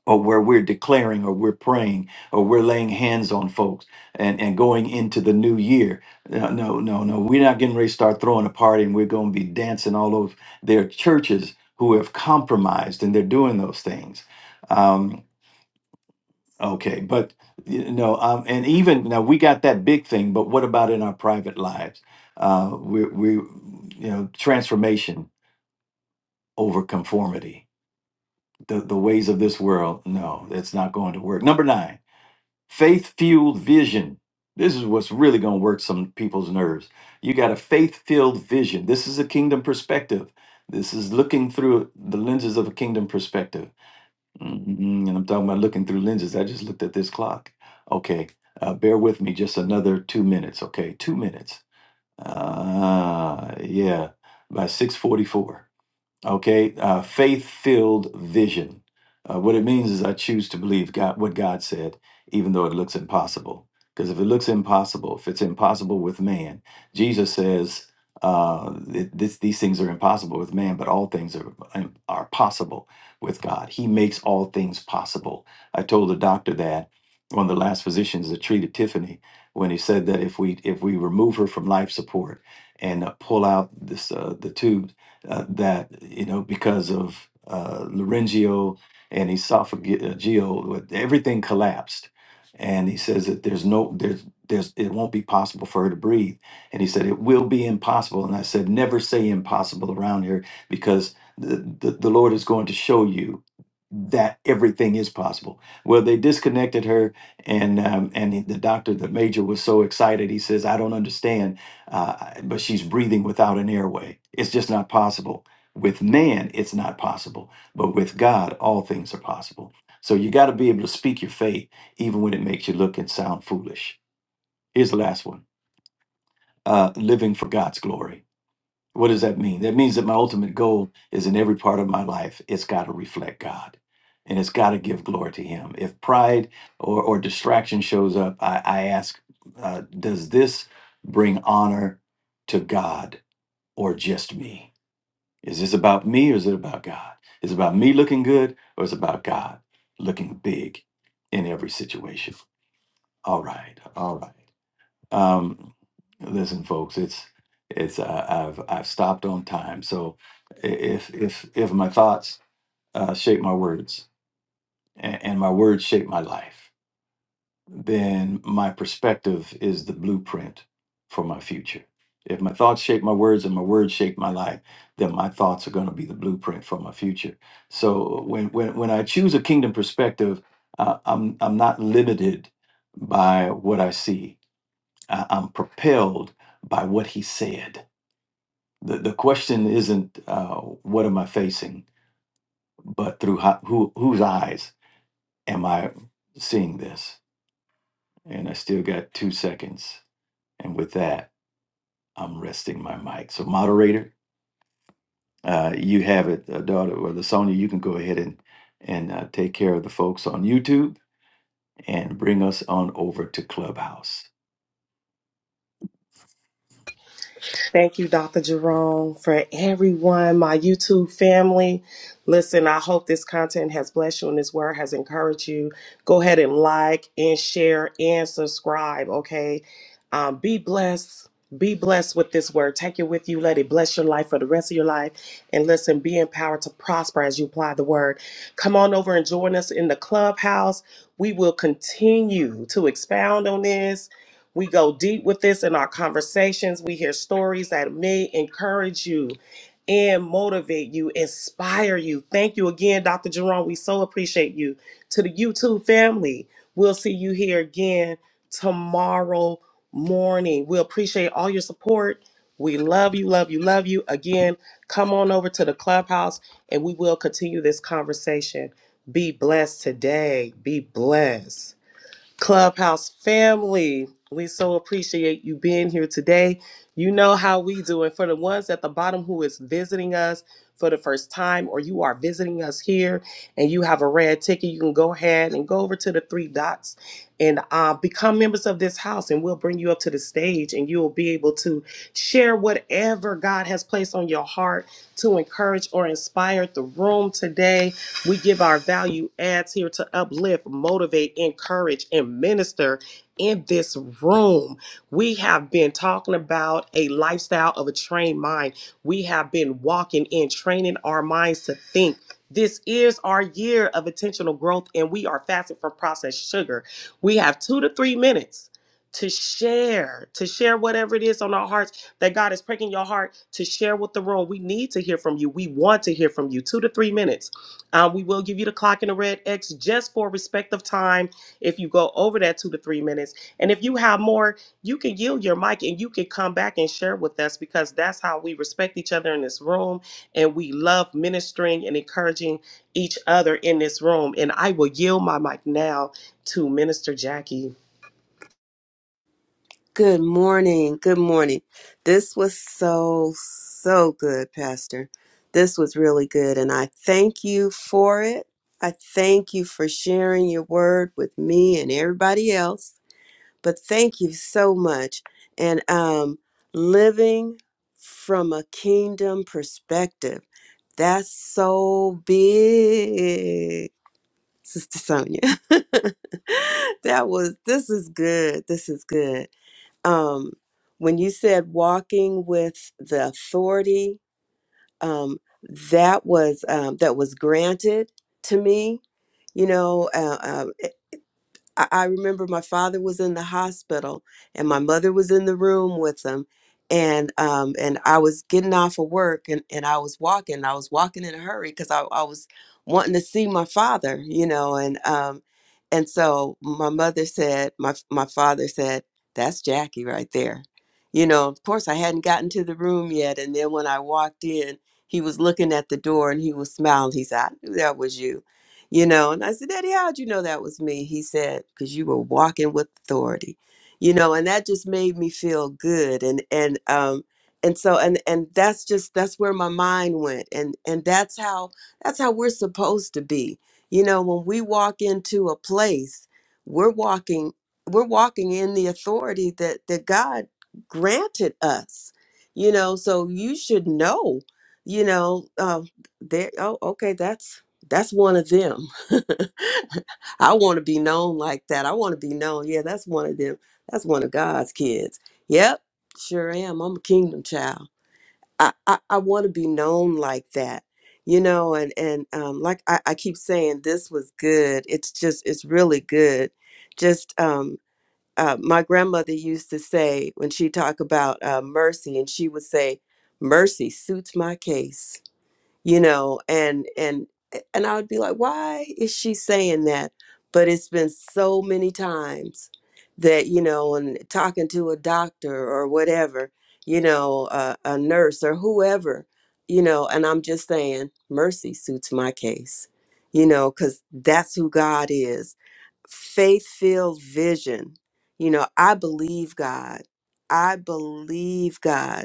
S6: or where we're declaring or we're praying or we're laying hands on folks and, and going into the new year. No, no, no, no. We're not getting ready to start throwing a party and we're going to be dancing all over. There are churches who have compromised and they're doing those things. Um, okay, but you know, um, and even now we got that big thing, but what about in our private lives? Uh, we, we, you know, transformation over conformity. The, the ways of this world, no, it's not going to work. Number nine Faith fueled vision. This is what's really going to work some people's nerves. You got a faith filled vision. This is a kingdom perspective. This is looking through the lenses of a kingdom perspective. mm mm And I'm talking about looking through lenses. I just looked at this clock. Okay, uh, bear with me just another two minutes. Okay, two minutes. Uh, yeah, by 644. Okay, uh, faith-filled vision. Uh, what it means is I choose to believe God, what God said, even though it looks impossible. Because if it looks impossible, if it's impossible with man, Jesus says uh, th- this, these things are impossible with man, but all things are um, are possible with God. He makes all things possible. I told the doctor that one of the last physicians that treated Tiffany when he said that if we if we remove her from life support and uh, pull out this uh, the tube uh, that you know because of uh, laryngeal and esophageal, with- everything collapsed. And he says that there's no there's there's it won't be possible for her to breathe. And he said it will be impossible. And I said never say impossible around here because the the, the Lord is going to show you that everything is possible. Well, they disconnected her, and um, and the doctor, the major, was so excited. He says, "I don't understand." uh, but she's breathing without an airway. It's just not possible. With man, it's not possible, but with God, all things are possible. So you got to be able to speak your faith, even when it makes you look and sound foolish. Here's the last one uh, living for God's glory. What does that mean? That means that my ultimate goal is in every part of my life, it's got to reflect God and it's got to give glory to Him. If pride or, or distraction shows up, I, I ask, uh, does this bring honor to God? or just me? Is this about me or is it about God? Is it about me looking good or is it about God looking big in every situation? All right, all right. Um, listen, folks, it's it's uh, I've I've stopped on time. So i- if if if my thoughts uh, shape my words and, and my words shape my life, then my perspective is the blueprint for my future. If my thoughts shape my words and my words shape my life, then my thoughts are going to be the blueprint for my future. So when when when I choose a kingdom perspective, uh, I'm I'm not limited by what I see. I, I'm propelled by what He said. The the question isn't uh, what am I facing, but through how, who whose eyes am I seeing this? And I still got two seconds. And with that, I'm resting my mic. So, moderator, uh, you have it, uh, daughter, or Sonia. You can go ahead and and uh, take care of the folks on YouTube and bring us on over to Clubhouse.
S3: Thank you, Dr. Jerome, for everyone, my YouTube family. Listen, I hope this content has blessed you and this word has encouraged you. Go ahead and like and share and subscribe, okay? Um, be blessed. Be blessed with this word. Take it with you. Let it bless your life for the rest of your life. And listen, be empowered to prosper as you apply the word. Come on over and join us in the clubhouse. We will continue to expound on this we go deep with this in our conversations. We hear stories that may encourage you and motivate you, inspire you. Thank you again, Dr. Jerome. We so appreciate you. To the YouTube family, we'll see you here again tomorrow morning. We appreciate all your support. We love you, love you, love you. Again, come on over to the clubhouse and we will continue this conversation. Be blessed today. Be blessed. Clubhouse family, we so appreciate you being here today. You know how we do. And for the ones at the bottom who is visiting us for the first time, or you are visiting us here and you have a red ticket, you can go ahead and go over to the three dots and uh, become members of this house, and we'll bring you up to the stage and you'll be able to share whatever God has placed on your heart to encourage or inspire the room today. We give our value adds here to uplift, motivate, encourage, and minister in this room. We have been talking about a lifestyle of a trained mind. We have been walking in training our minds to think. This is our year of intentional growth, and we are fasting from processed sugar. We have two to three minutes to share, to share whatever it is on our hearts that God is pricking your heart to share with the room. We need to hear from you. We want to hear from you. Two to three minutes uh, we will give you the clock and the red X just for respect of time if you go over that two to three minutes. And if you have more, you can yield your mic and you can come back and share with us because that's how we respect each other in this room. And we love ministering and encouraging each other in this room. And I will yield my mic now to Minister Jackie.
S5: Good morning. Good morning. This was so, so good, Pastor. This was really good. And I thank you for it. I thank you for sharing your word with me and everybody else. But thank you so much. And um, living from a kingdom perspective, that's so big, Sister Sonia. [laughs] that was, this is good. This is good. Um, when you said walking with the authority, um, that was um, that was granted to me. You know, uh, uh, I, I remember my father was in the hospital and my mother was in the room with him and um and I was getting off of work and, and I was walking. I was walking in a hurry because I, I was wanting to see my father, you know, and um and so my mother said, my my father said, That's Jackie right there. You know, of course I hadn't gotten to the room yet. And then when I walked in, he was looking at the door and he was smiling. He said, I knew that was you you know and i said daddy how'd you know that was me he said because you were walking with authority you know and that just made me feel good and and um and so and and that's just that's where my mind went and and that's how that's how we're supposed to be you know when we walk into a place we're walking we're walking in the authority that that god granted us you know so you should know you know um there oh okay that's that's one of them. [laughs] I want to be known like that. I want to be known. Yeah, that's one of them. That's one of God's kids. Yep, sure am. I'm a kingdom child. I I, I want to be known like that. You know, and and um, like I, I keep saying, this was good. It's just it's really good. Just um, uh, my grandmother used to say when she talked about uh, mercy, and she would say, "Mercy suits my case." you know and and and i would be like why is she saying that but it's been so many times that you know and talking to a doctor or whatever you know uh, a nurse or whoever you know and i'm just saying mercy suits my case you know because that's who god is faith filled vision you know i believe god i believe god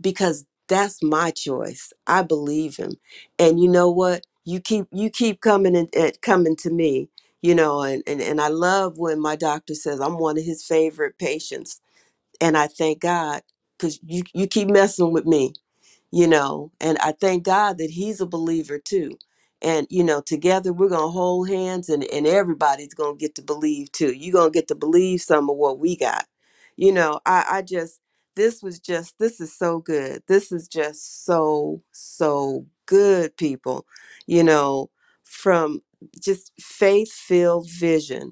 S5: because that's my choice. I believe him. And you know what? You keep you keep coming and and coming to me, you know, and, and and I love when my doctor says I'm one of his favorite patients. And I thank God because you, you keep messing with me you know and i thank god that he's a believer too and you know together we're gonna hold hands and and everybody's gonna get to believe too you're gonna get to believe some of what we got you know i i just this was just this is so good this is just so so good people you know from just faith filled vision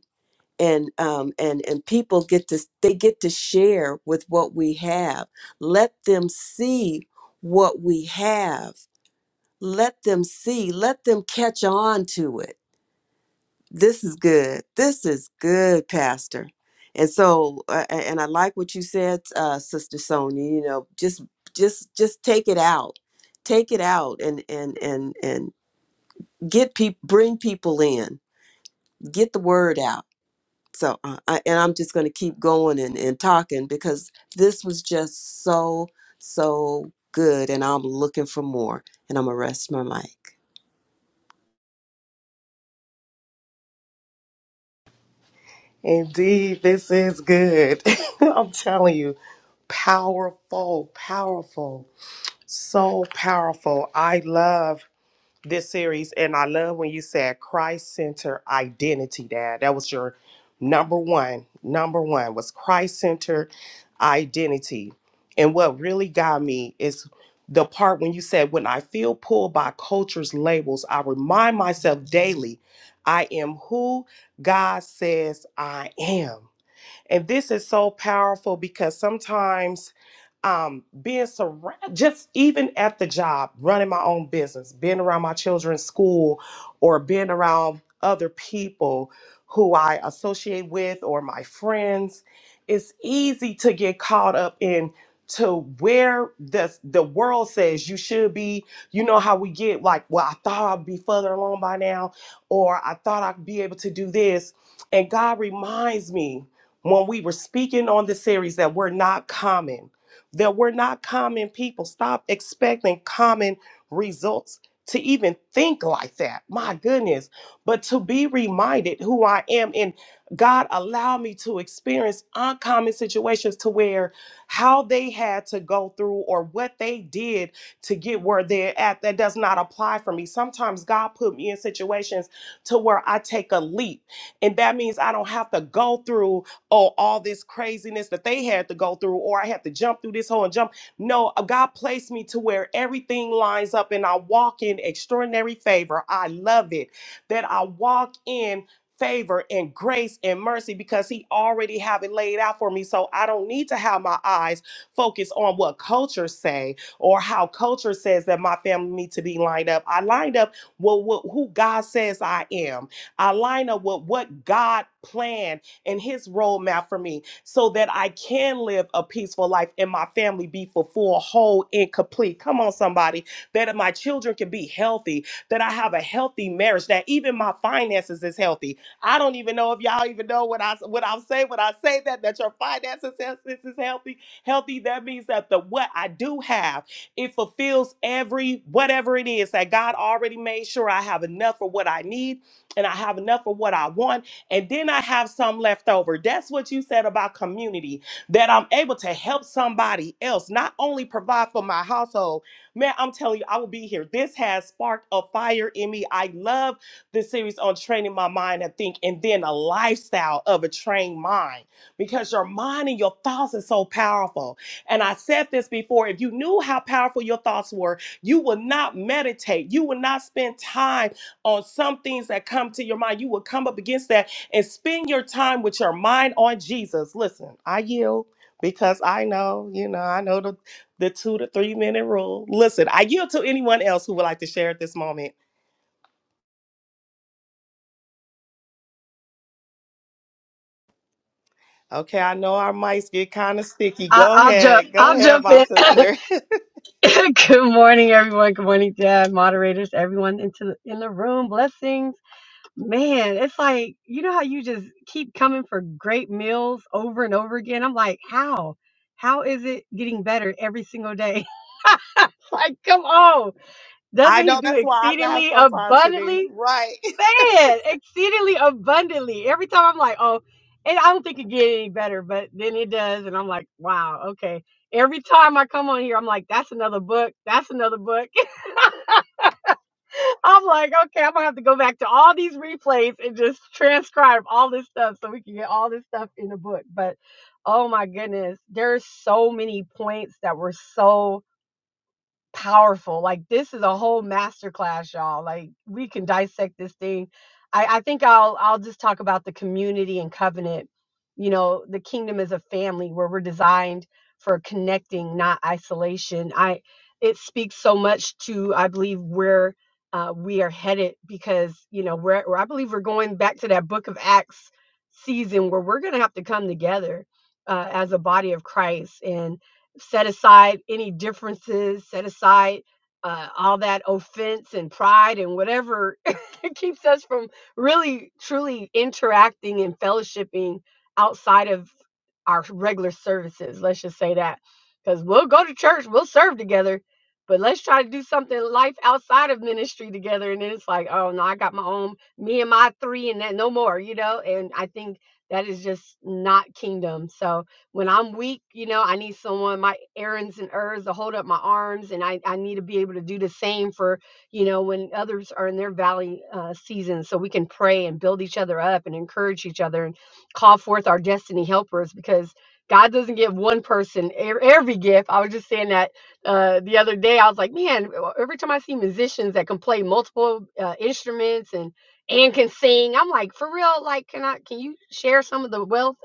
S5: and um, and and people get to they get to share with what we have. Let them see what we have. Let them see. Let them catch on to it. This is good. This is good, Pastor. And so, uh, a- and I like what you said, uh, Sister Sonia. You know, just just just take it out, take it out, and and and and get people, bring people in, get the word out so uh, I, and i'm just going to keep going and, and talking because this was just so so good and i'm looking for more and i'm gonna rest my mic
S3: Indeed, this is good. [laughs] I'm telling you, powerful, powerful, so powerful. I love. this series, and I love when you said Christ centered identity, Dad. That was your number one. Number one was Christ centered identity. And what really got me is the part when you said, When I feel pulled by culture's labels, I remind myself daily, I am who God says I am. And this is so powerful because sometimes um, being surrounded, just even at the job, running my own business, being around my children's school, or being around other people who I associate with or my friends, it's easy to get caught up in to where the the world says you should be. You know how we get like, well, I thought I'd be further along by now, or I thought I'd be able to do this, and God reminds me when we were speaking on the series that we're not common that we're not common people. Stop expecting common results to even think like that. My goodness. But to be reminded who I am and God allow me to experience uncommon situations to where how they had to go through or what they did to get where they're at that does not apply for me. Sometimes God put me in situations to where I take a leap and that means I don't have to go through oh, all this craziness that they had to go through, or I had to jump through this hole and jump. No, uh, God placed me to where everything lines up and I walk in extraordinary favor. I love it that I walk in favor and grace and mercy because he already have it laid out for me so I don't need to have my eyes focused on what culture say or how culture says that my family need to be lined up I lined up with what who God says I am I line up with what God planned and His roadmap for me so that I can live a peaceful life and my family be fulfilled, whole, and complete. Come on, somebody. That my children can be healthy, that I have a healthy marriage, that even my finances is healthy. I don't even know if y'all even know what I what I say when I say that that your finances is, is is healthy. Healthy that means that the what I do have it fulfills every whatever it is that God already made sure I have enough for what I need and I have enough for what I want and then I have some left over. That's what you said about community, that I'm able to help somebody else, not only provide for my household. Man, I'm telling you, I will be here. This has sparked a fire in me. I love the series on training my mind and think, and then a lifestyle of a trained mind because your mind and your thoughts are so powerful. And I said this before if you knew how powerful your thoughts were, you will not meditate, you will not spend time on some things that come to your mind. You will come up against that and spend your time with your mind on Jesus. Listen, I yield because I know, you know, I know the, the two to three minute rule. Listen, I yield to anyone else who would like to share at this moment. Okay, I know our mics get kind of sticky.
S4: I,
S3: Go
S4: I'll jump.
S3: ahead. Go
S4: I'll
S3: ahead,
S4: jump
S3: my
S4: in.
S3: sister.
S4: [coughs] Good morning, everyone. Good morning, Dad, moderators, everyone into the, in the room. Blessings, man. It's like you know how you just keep coming for great meals over and over again. I'm like, how? How is it getting better every single day? [laughs] like, come on!
S3: [laughs] I
S4: Doesn't he
S3: know
S4: do
S3: that's why I laugh
S4: exceedingly
S3: sometimes, Shanice.
S4: abundantly?
S3: Right.
S4: saying exceedingly abundantly. Every time I'm like, oh, and I don't think it get any better, but then it does, and I'm like, wow, okay. Every time I come on here, I'm like, that's another book. That's another book. [laughs] I'm like, okay, I'm gonna have to go back to all these replays and just transcribe all this stuff so we can get all this stuff in the book. But oh my goodness, there's so many points that were so powerful. Like this is a whole masterclass, y'all. Like we can dissect this thing. I, I think I'll I'll just talk about the community and covenant. You know, the kingdom is a family where we're designed for connecting, not isolation. I it speaks so much to I believe where uh, we are headed because you know where I believe we're going back to that Book of Acts season where we're going to have to come together uh, as a body of Christ and set aside any differences, set aside uh, all that offense and pride and whatever [laughs] keeps us from really truly interacting and fellowshipping outside of our regular services. Let's just say that because we'll go to church, we'll serve together, but let's try to do something life outside of ministry together. And then it's like, oh no, I got my own, me and my three, and that no more, you know. And I think that is just not kingdom. So when I'm weak, you know, I need someone, my errands and ers to hold up my arms, and I I need to be able to do the same for you know when others are in their valley uh, season, so we can pray and build each other up and encourage each other call forth our destiny helpers because God doesn't give one person e- every gift. I was just saying that uh, the other day. I was like, man, every time I see musicians that can play multiple uh, instruments and and can sing, I'm like, for real, like, can I? Can you share some of the wealth?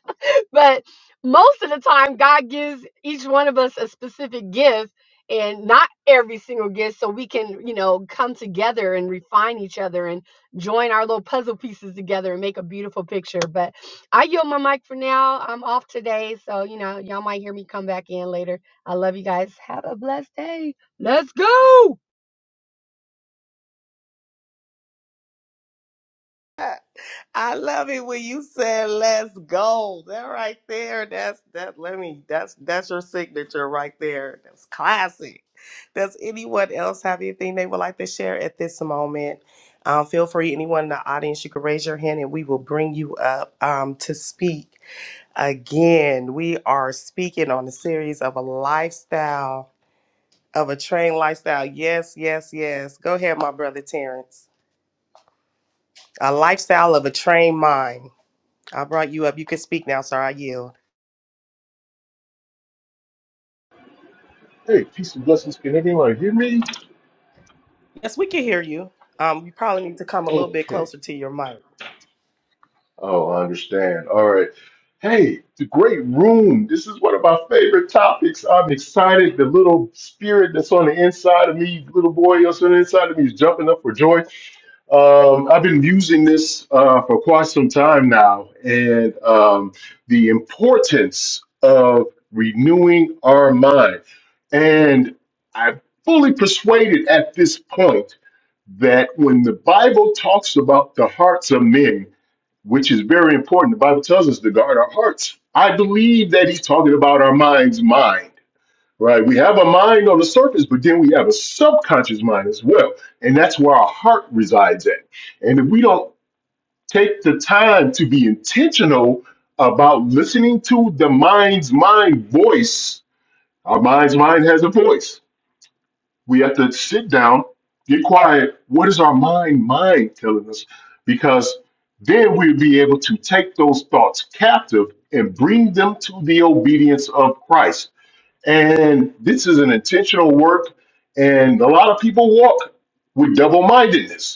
S4: [laughs] but most of the time, God gives each one of us a specific gift, and not every single gift, so we can, you know, come together and refine each other. And join our little puzzle pieces together and make a beautiful picture. But I yield my mic for now. I'm off today. So, you know, y'all might hear me come back in later. I love you guys. Have a blessed day. Let's go.
S3: I love it when you said let's go. That right there, that's that let me that's that's your signature right there. That's classic. Does anyone else have anything they would like to share at this moment? Um, feel free, anyone in the audience, you can raise your hand and we will bring you up um, to speak. Again, we are speaking on a series of a lifestyle, of a trained lifestyle. Yes, yes, yes. Go ahead, my brother Terrence. A lifestyle of a trained mind. I brought you up. You can speak now, sir. I yield.
S7: Hey, peace and blessings. Can anyone hear me?
S3: Yes, we can hear you. Um, you probably need to come a little bit
S7: Okay.
S3: closer to your mic.
S7: Oh, I understand. All right. Hey, the great room. This is one of my favorite topics. I'm excited. The little spirit that's on the inside of me, little boy that's on the inside of me, is jumping up for joy. Um, I've been using this uh, for quite some time now, and um, the importance of renewing our mind. And I am fully persuaded at this point. that when the Bible talks about the hearts of men, which is very important, the Bible tells us to guard our hearts. I believe that he's talking about our mind's mind, right? We have a mind on the surface, but then we have a subconscious mind as well. And that's where our heart resides at. And if we don't take the time to be intentional about listening to the mind's mind voice, our mind's mind has a voice we have to sit down, get quiet. What is our mind mind telling us? Because then we'll be able to take those thoughts captive and bring them to the obedience of Christ. And this is an intentional work, and a lot of people walk with double mindedness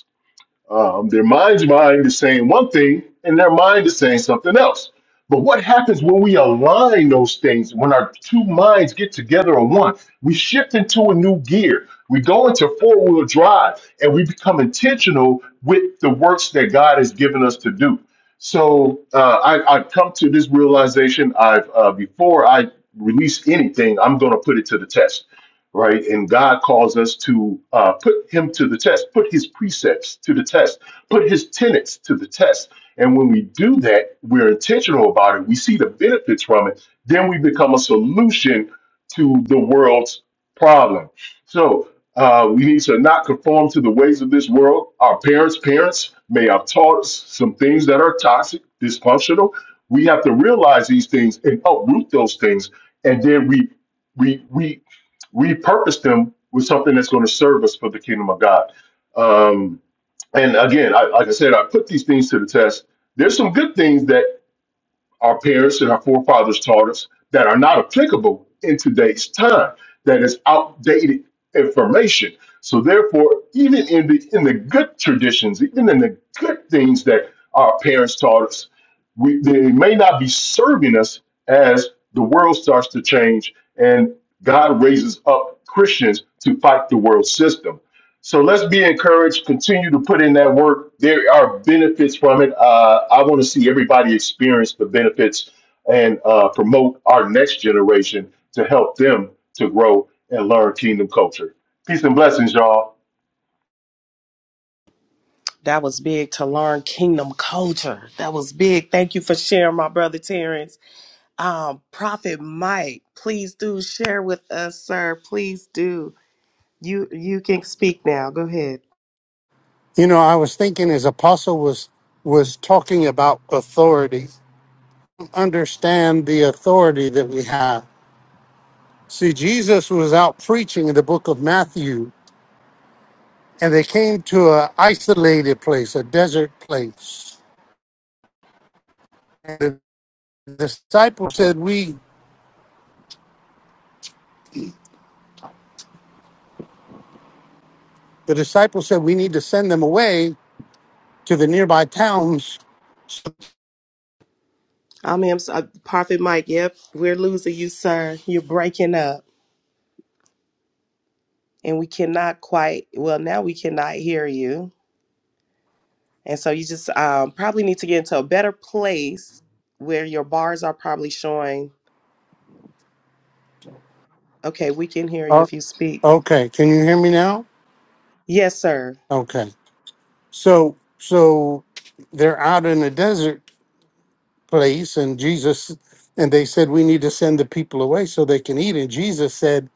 S7: um, their mind's mind is saying one thing, and their mind is saying something else. But what happens when we align those things, when our two minds get together on one? We shift into a new gear. We go into four wheel drive and we become intentional with the works that God has given us to do. So uh, I, I've come to this realization. I've uh, before I release anything, I'm going to put it to the test right? And God calls us to uh, put him to the test, put his precepts to the test, put his tenets to the test. And when we do that, we're intentional about it, we see the benefits from it, then we become a solution to the world's problem. So uh, we need to not conform to the ways of this world. Our parents' parents may have taught us some things that are toxic, dysfunctional. We have to realize these things and uproot those things, and then we we we repurpose them with something that's going to serve us for the kingdom of God. Um, and again, I, like I said, I put these things to the test. There's some good things that our parents and our forefathers taught us that are not applicable in today's time, that is outdated information. So therefore, even in the in the good traditions, even in the good things that our parents taught us, we they may not be serving us as the world starts to change and God raises up Christians to fight the world system so let's be encouraged. Continue to put in that work. There are benefits from it. Uh, I want to see everybody experience the benefits and uh, promote our next generation to help them to grow and learn kingdom culture. Peace and blessings, y'all.
S3: That was big to learn kingdom culture. That was big. Thank you for sharing, my brother Terrence. Um, Prophet Mike, please do share with us, sir. Please do. You you can speak now. Go ahead.
S8: You know, I was thinking as Apostle was was talking about authority. Understand the authority that we have. See, Jesus was out preaching in the book of Matthew, and they came to a isolated place, a desert place. And the disciples said, "We." The disciples said, "We need to send them away to the nearby towns."
S3: I mean, I'm s- uh, Prophet Mike. Yep, we're losing you, sir. You're breaking up, and we cannot quite. Well, now we cannot hear you. And so you just um, probably need to get into a better place where your bars are probably showing, okay, we can hear you
S8: Uh,
S3: if you speak.
S8: okay, can you hear me now?
S3: Yes, sir.
S8: Okay, so so they're out in the desert place and Jesus and they said we need to send the people away so they can eat and Jesus said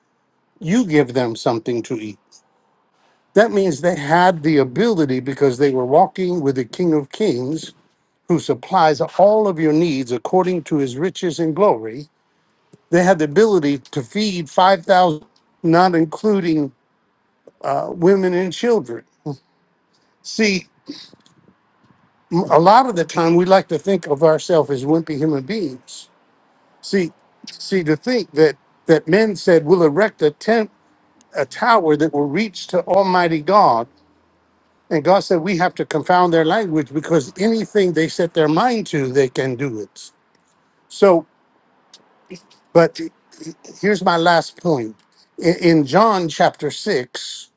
S8: you give them something to eat. That means they had the ability because they were walking with the King of Kings who supplies all of your needs according to his riches and glory. They had the ability to feed 5,000 not including uh, women and children. See, m- a lot of the time we like to think of ourselves as wimpy human beings See, see, to think that that men said we'll erect a tent, a tower that will reach to Almighty God, and God said we have to confound their language because anything they set their mind to, they can do it. So, but here's my last point. In, in John chapter six,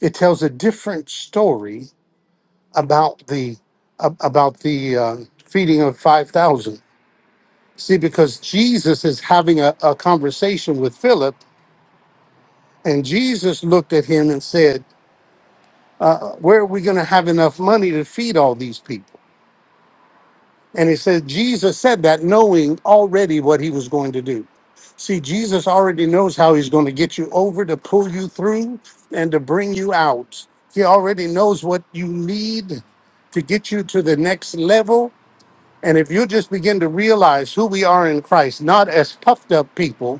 S8: it tells a different story about the ab- about the uh, feeding of five thousand. See, because Jesus is having a, a conversation with Philip And Jesus looked at him and said, uh, Where are we going to have enough money to feed all these people? And he said, Jesus said that knowing already what he was going to do. See, Jesus already knows how he's going to get you over to pull you through and to bring you out. He already knows what you need to get you to the next level. And if you just begin to realize who we are in Christ, not as puffed up people,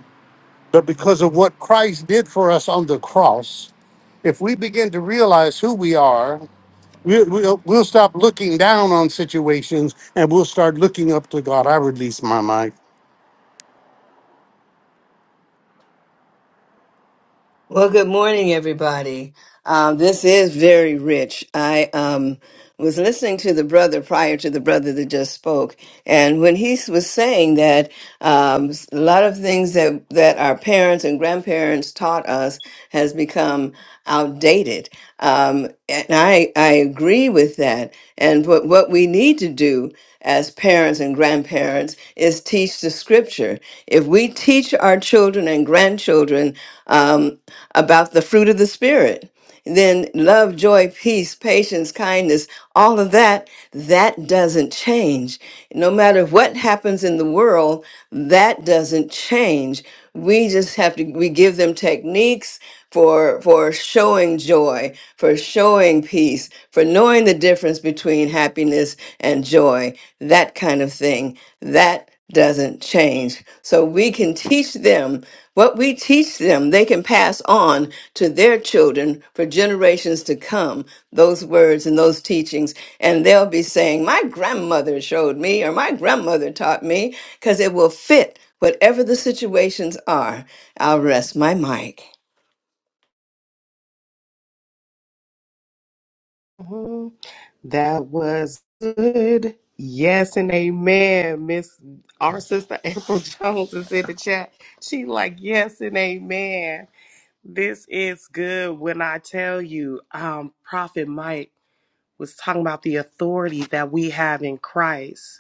S8: but because of what Christ did for us on the cross, if we begin to realize who we are, we, we'll, we'll stop looking down on situations and we'll start looking up to God. I release my mic.
S9: Well, good morning, everybody. Um, this is very rich. I um, was listening to the brother prior to the brother that just spoke, and when he was saying that um, s- a lot of things that that our parents and grandparents taught us has become outdated, um, and I I agree with that. And what what we need to do as parents and grandparents is teach the scripture. If we teach our children and grandchildren um, about the fruit of the Spirit. Then love, joy, peace, patience, kindness, all of that, that doesn't change. No matter what happens in the world, that doesn't change. We just have to, we give them techniques for, for showing joy, for showing peace, for knowing the difference between happiness and joy, that kind of thing. That that doesn't change. So we can teach them what we teach them, they can pass on to their children for generations to come, those words and those teachings. And they'll be saying, My grandmother showed me, or my grandmother taught me, because it will fit whatever the situations are. I'll rest my mic.
S3: hmm That was good. Yes and amen. Miss our sister April [laughs] Jones is in the chat. She like, yes and amen. This is good when I tell you, um, Prophet Mike was talking about the authority that we have in Christ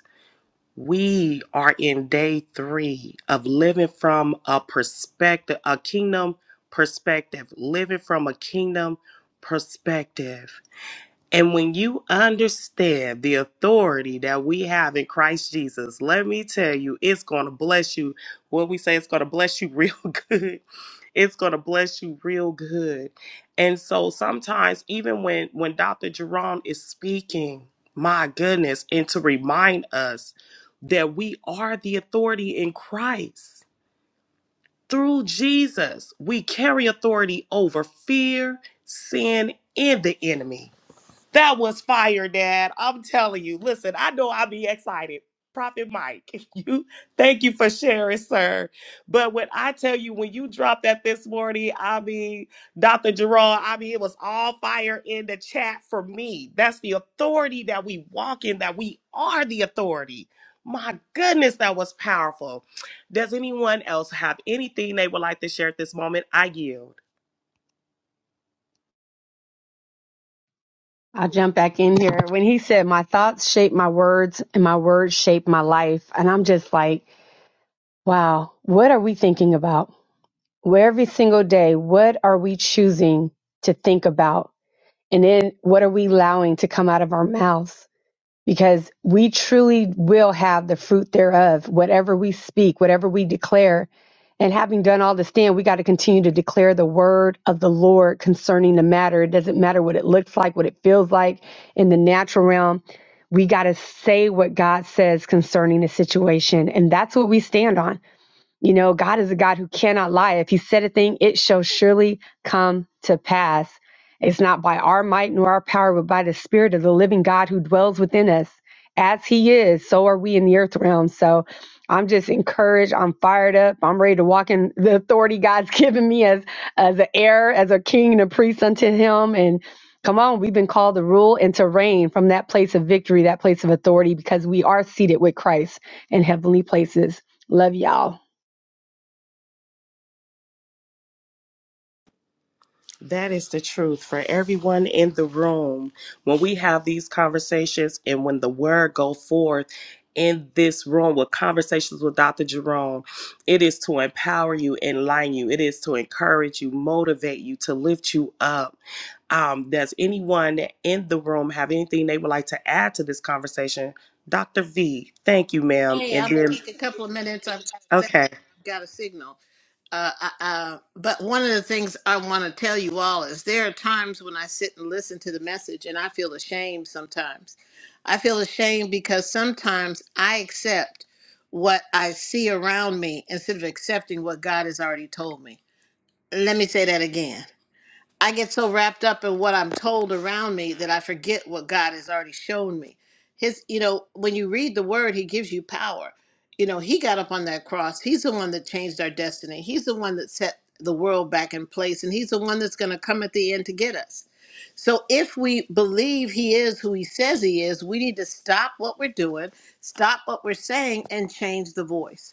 S3: We are in day three of living from a perspective, a kingdom perspective, living from a kingdom perspective. And when you understand the authority that we have in Christ Jesus, let me tell you, it's going to bless you. What we say, it's going to bless you real [laughs] good. It's going to bless you real good. And so sometimes, even when, when Dr. Jerome is speaking, my goodness, and to remind us that we are the authority in Christ through Jesus, we carry authority over fear, sin, and the enemy that was fire, Dad. I'm telling you. Listen, I know I be excited. Prophet Mike, [laughs] you thank you for sharing, sir. But when I tell you, when you dropped that this morning, I mean, Dr. Gerard, I mean, it was all fire in the chat for me. That's the authority that we walk in, that we are the authority. My goodness, that was powerful. Does anyone else have anything they would like to share at this moment? I yield.
S4: I'll jump back in here. When he said, My thoughts shape my words and my words shape my life. And I'm just like, wow, what are we thinking about? Where every single day, what are we choosing to think about? And then what are we allowing to come out of our mouths? because we truly will have the fruit thereof, whatever we speak, whatever we declare. And having done all to stand, we got to continue to declare the word of the Lord concerning the matter. It doesn't matter what it looks like, what it feels like in the natural realm. We got to say what God says concerning the situation. And that's what we stand on. You know, God is a God who cannot lie. If He said a thing, it shall surely come to pass. It's not by our might nor our power, but by the Spirit of the living God who dwells within us. As He is, so are we in the earth realm. So I'm just encouraged. I'm fired up. I'm ready to walk in the authority God's [laughs] given me as as an heir, as a king and a priest unto Him. And come on, we've been called to rule and to reign from that place of victory, that place of authority, because we are seated with Christ in heavenly places. Love y'all.
S3: That is the truth for everyone in the room. When we have these conversations and when the word go forth in this room with conversations with Dr. Jerome, it is to empower you, enlighten you. It is to encourage you, motivate you, to lift you up. Um, does anyone in the room have anything they would like to add to this conversation? Dr. V, thank you, ma'am.
S1: hey,
S3: And
S1: I'm going to
S3: then,
S1: take a couple of minutes. I've got a, second.
S3: okay,
S1: I've got a signal. Uh, uh, uh, but one of the things I want to tell you all is there are times when I sit and listen to the message and I feel ashamed sometimes. I feel ashamed because sometimes I accept what I see around me instead of accepting what God has already told me. Let me say that again. I get so wrapped up in what I'm told around me that I forget what God has already shown me. His, you know, when you read the word, he gives you power. You know, he got up on that cross. He's the one that changed our destiny. He's the one that set the world back in place, and he's the one that's going to come at the end to get us. So if we believe he is who he says he is, we need to stop what we're doing, stop what we're saying, and change the voice.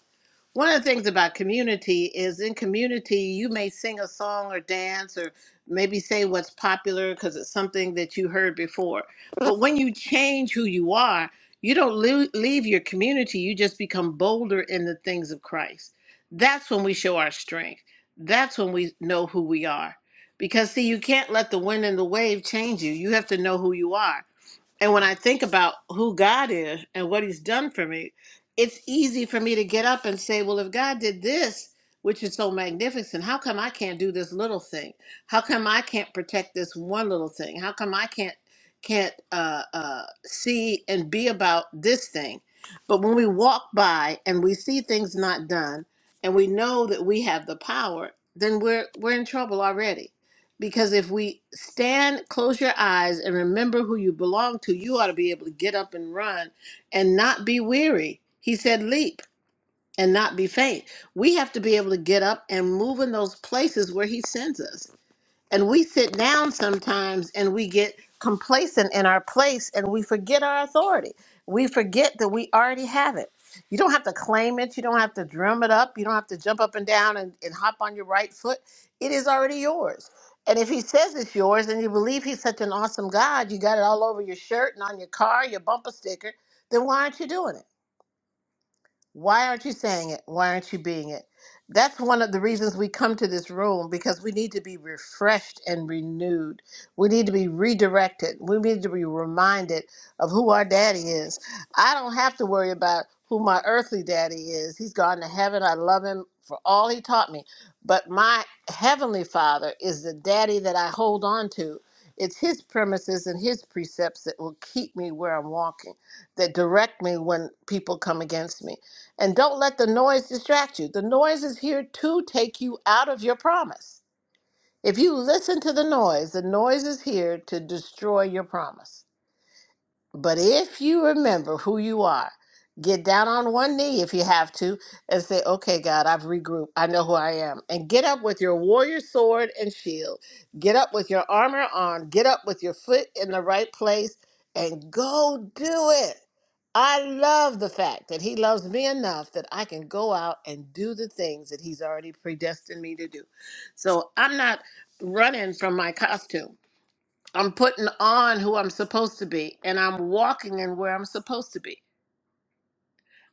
S1: One of the things about community is in community, you may sing a song or dance or maybe say what's popular because it's something that you heard before. [laughs] But when you change who you are, you don't lea- leave your community, you just become bolder in the things of Christ. That's when we show our strength. That's when we know who we are. Because, see, you can't let the wind and the wave change you. You have to know who you are. And when I think about who God is and what He's done for me, it's easy for me to get up and say, well, if God did this, which is so magnificent, how come I can't do this little thing? How come I can't protect this one little thing? How come I can't can't uh, uh, see and be about this thing? But when we walk by and we see things not done, and we know that we have the power, then we're we're in trouble already. Because if we stand, close your eyes, and remember who you belong to, you ought to be able to get up and run and not be weary. He said, Leap and not be faint. We have to be able to get up and move in those places where He sends us. And we sit down sometimes and we get complacent in our place and we forget our authority. We forget that we already have it. You don't have to claim it. You don't have to drum it up. You don't have to jump up and down and, and hop on your right foot. It is already yours. And if he says it's yours and you believe he's such an awesome God, you got it all over your shirt and on your car, your bumper sticker, then why aren't you doing it? Why aren't you saying it? Why aren't you being it? That's one of the reasons we come to this room because we need to be refreshed and renewed. We need to be redirected. We need to be reminded of who our daddy is. I don't have to worry about who my earthly daddy is. He's gone to heaven. I love him for all he taught me. But my heavenly father is the daddy that I hold on to. It's his premises and his precepts that will keep me where I'm walking, that direct me when people come against me. And don't let the noise distract you. The noise is here to take you out of your promise. If you listen to the noise, the noise is here to destroy your promise. But if you remember who you are, get down on one knee if you have to and say, Okay, God, I've regrouped. I know who I am. And get up with your warrior sword and shield. Get up with your armor on. Get up with your foot in the right place and go do it. I love the fact that He loves me enough that I can go out and do the things that He's already predestined me to do. So I'm not running from my costume. I'm putting on who I'm supposed to be and I'm walking in where I'm supposed to be.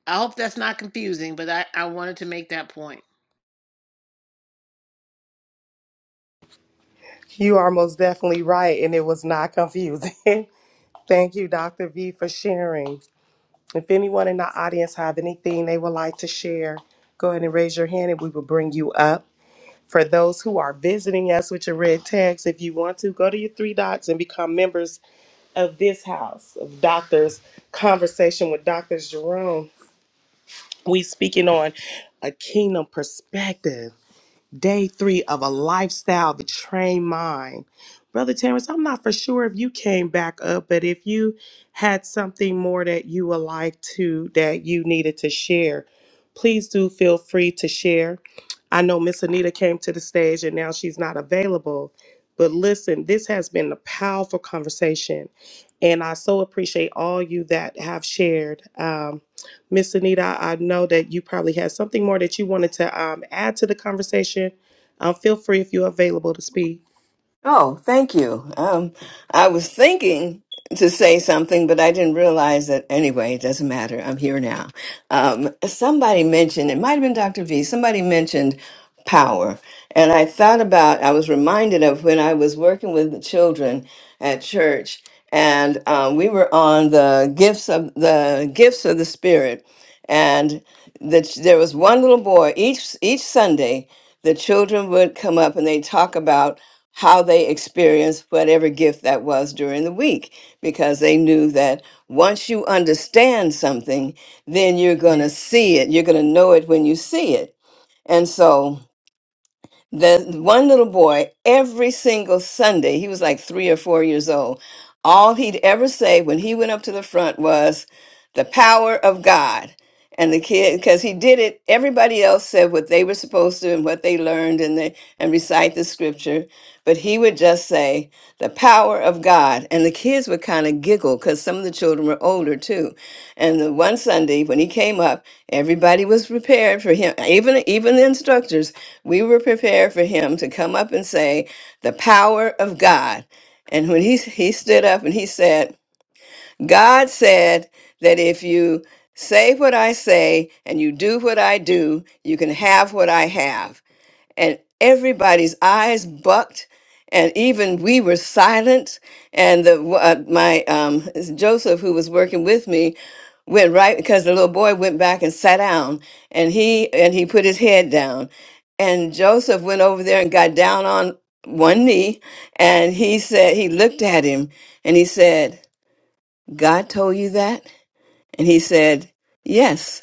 S1: I hope that's not confusing, but I, I wanted to make that point.
S3: you are most definitely right, and it was not confusing. [laughs] Thank you, Dr. V, for sharing. If anyone in the audience have anything they would like to share, go ahead and raise your hand and we will bring you up. For those who are visiting us with your red tags, if you want to, go to your three dots and become members of this house of Doctors Conversation with Dr. Jerome. We speaking on a kingdom perspective day three of a lifestyle to train mind. Brother Terrence, I'm not for sure if you came back up, but if you had something more that you would like to, that you needed to share, please do feel free to share. I know Miss Anita came to the stage and now she's not available. But listen, this has been a powerful conversation. And I so appreciate all you that have shared. Um, Miss Anita, I know that you probably had something more that you wanted to um, add to the conversation. Um, feel free if you're available to speak.
S9: Oh, thank you. Um, I was thinking to say something, but I didn't realize that. Anyway, it doesn't matter. I'm here now. Um, somebody mentioned, it might have been Dr. V, somebody mentioned power. And I thought about, I was reminded of when I was working with the children at church, and um, we were on the gifts of the gifts of the Spirit, and the, there was one little boy each each Sunday. The children would come up and they talk about how they experienced whatever gift that was during the week because they knew that once you understand something, then you're going to see it. You're going to know it when you see it. And so the one little boy every single sunday he was like three or four years old all he'd ever say when he went up to the front was the power of god and the kid because he did it everybody else said what they were supposed to and what they learned and they and recite the scripture but he would just say the power of god and the kids would kind of giggle because some of the children were older too and the one Sunday when he came up, everybody was prepared for him. Even even the instructors, we were prepared for him to come up and say, "The power of God." And when he he stood up and he said, "God said that if you say what I say and you do what I do, you can have what I have." and everybody's eyes bucked and even we were silent and the uh, my um joseph who was working with me went right because the little boy went back and sat down and he and he put his head down and joseph went over there and got down on one knee and he said he looked at him and he said god told you that and he said yes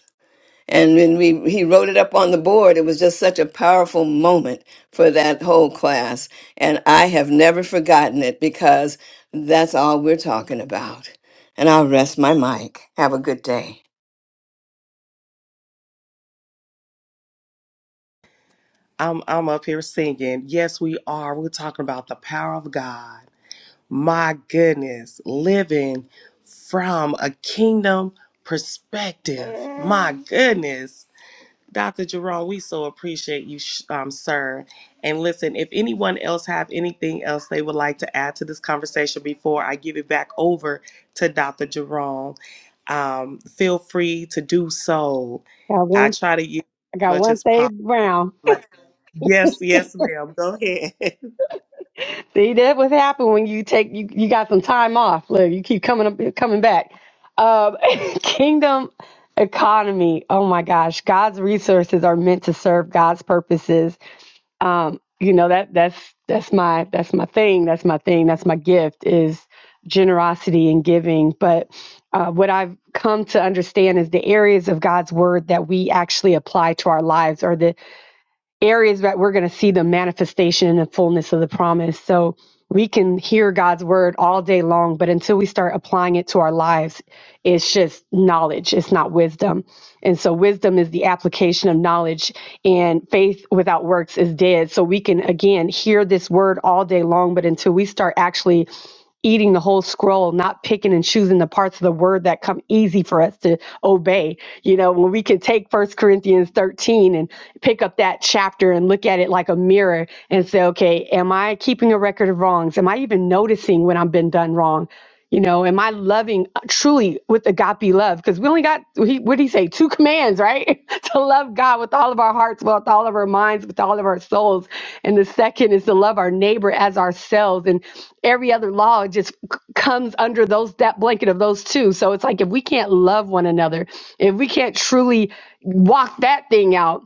S9: and when we he wrote it up on the board, it was just such a powerful moment for that whole class. And I have never forgotten it because that's all we're talking about. And I'll rest my mic. Have a good day.
S3: I'm I'm up here singing. Yes, we are. We're talking about the power of God. My goodness, living from a kingdom perspective. My goodness. Dr. Jerome, we so appreciate you, sh- um, sir. And listen, if anyone else have anything else they would like to add to this conversation before I give it back over to Dr. Jerome, um, feel free to do so.
S4: Got
S3: I
S4: one.
S3: try to use
S4: I
S3: as
S4: got
S3: much
S4: one
S3: as
S4: save
S3: possible.
S4: Brown.
S3: Yes, yes, ma'am. Go ahead. [laughs]
S4: See, that what happened when you take you, you got some time off. Look, you keep coming up coming back. Um, [laughs] kingdom economy. Oh my gosh, God's resources are meant to serve God's purposes. Um, you know that that's that's my that's my thing. That's my thing. That's my gift is generosity and giving. But uh, what I've come to understand is the areas of God's word that we actually apply to our lives, or the areas that we're going to see the manifestation and the fullness of the promise. So we can hear God's word all day long, but until we start applying it to our lives, it's just knowledge. It's not wisdom. And so wisdom is the application of knowledge, and faith without works is dead. So we can, again, hear this word all day long, but until we start actually eating the whole scroll, not picking and choosing the parts of the word that come easy for us to obey. You know, when we can take First Corinthians 13 and pick up that chapter and look at it like a mirror and say, okay, am I keeping a record of wrongs? Am I even noticing when I've been done wrong? You know, am I loving uh, truly with agape love? Because we only got, he, what did he say? Two commands, right? [laughs] to love God with all of our hearts, with all of our minds, with all of our souls. And the second is to love our neighbor as ourselves. And every other law just c- comes under those that blanket of those two. So it's like if we can't love one another, if we can't truly walk that thing out,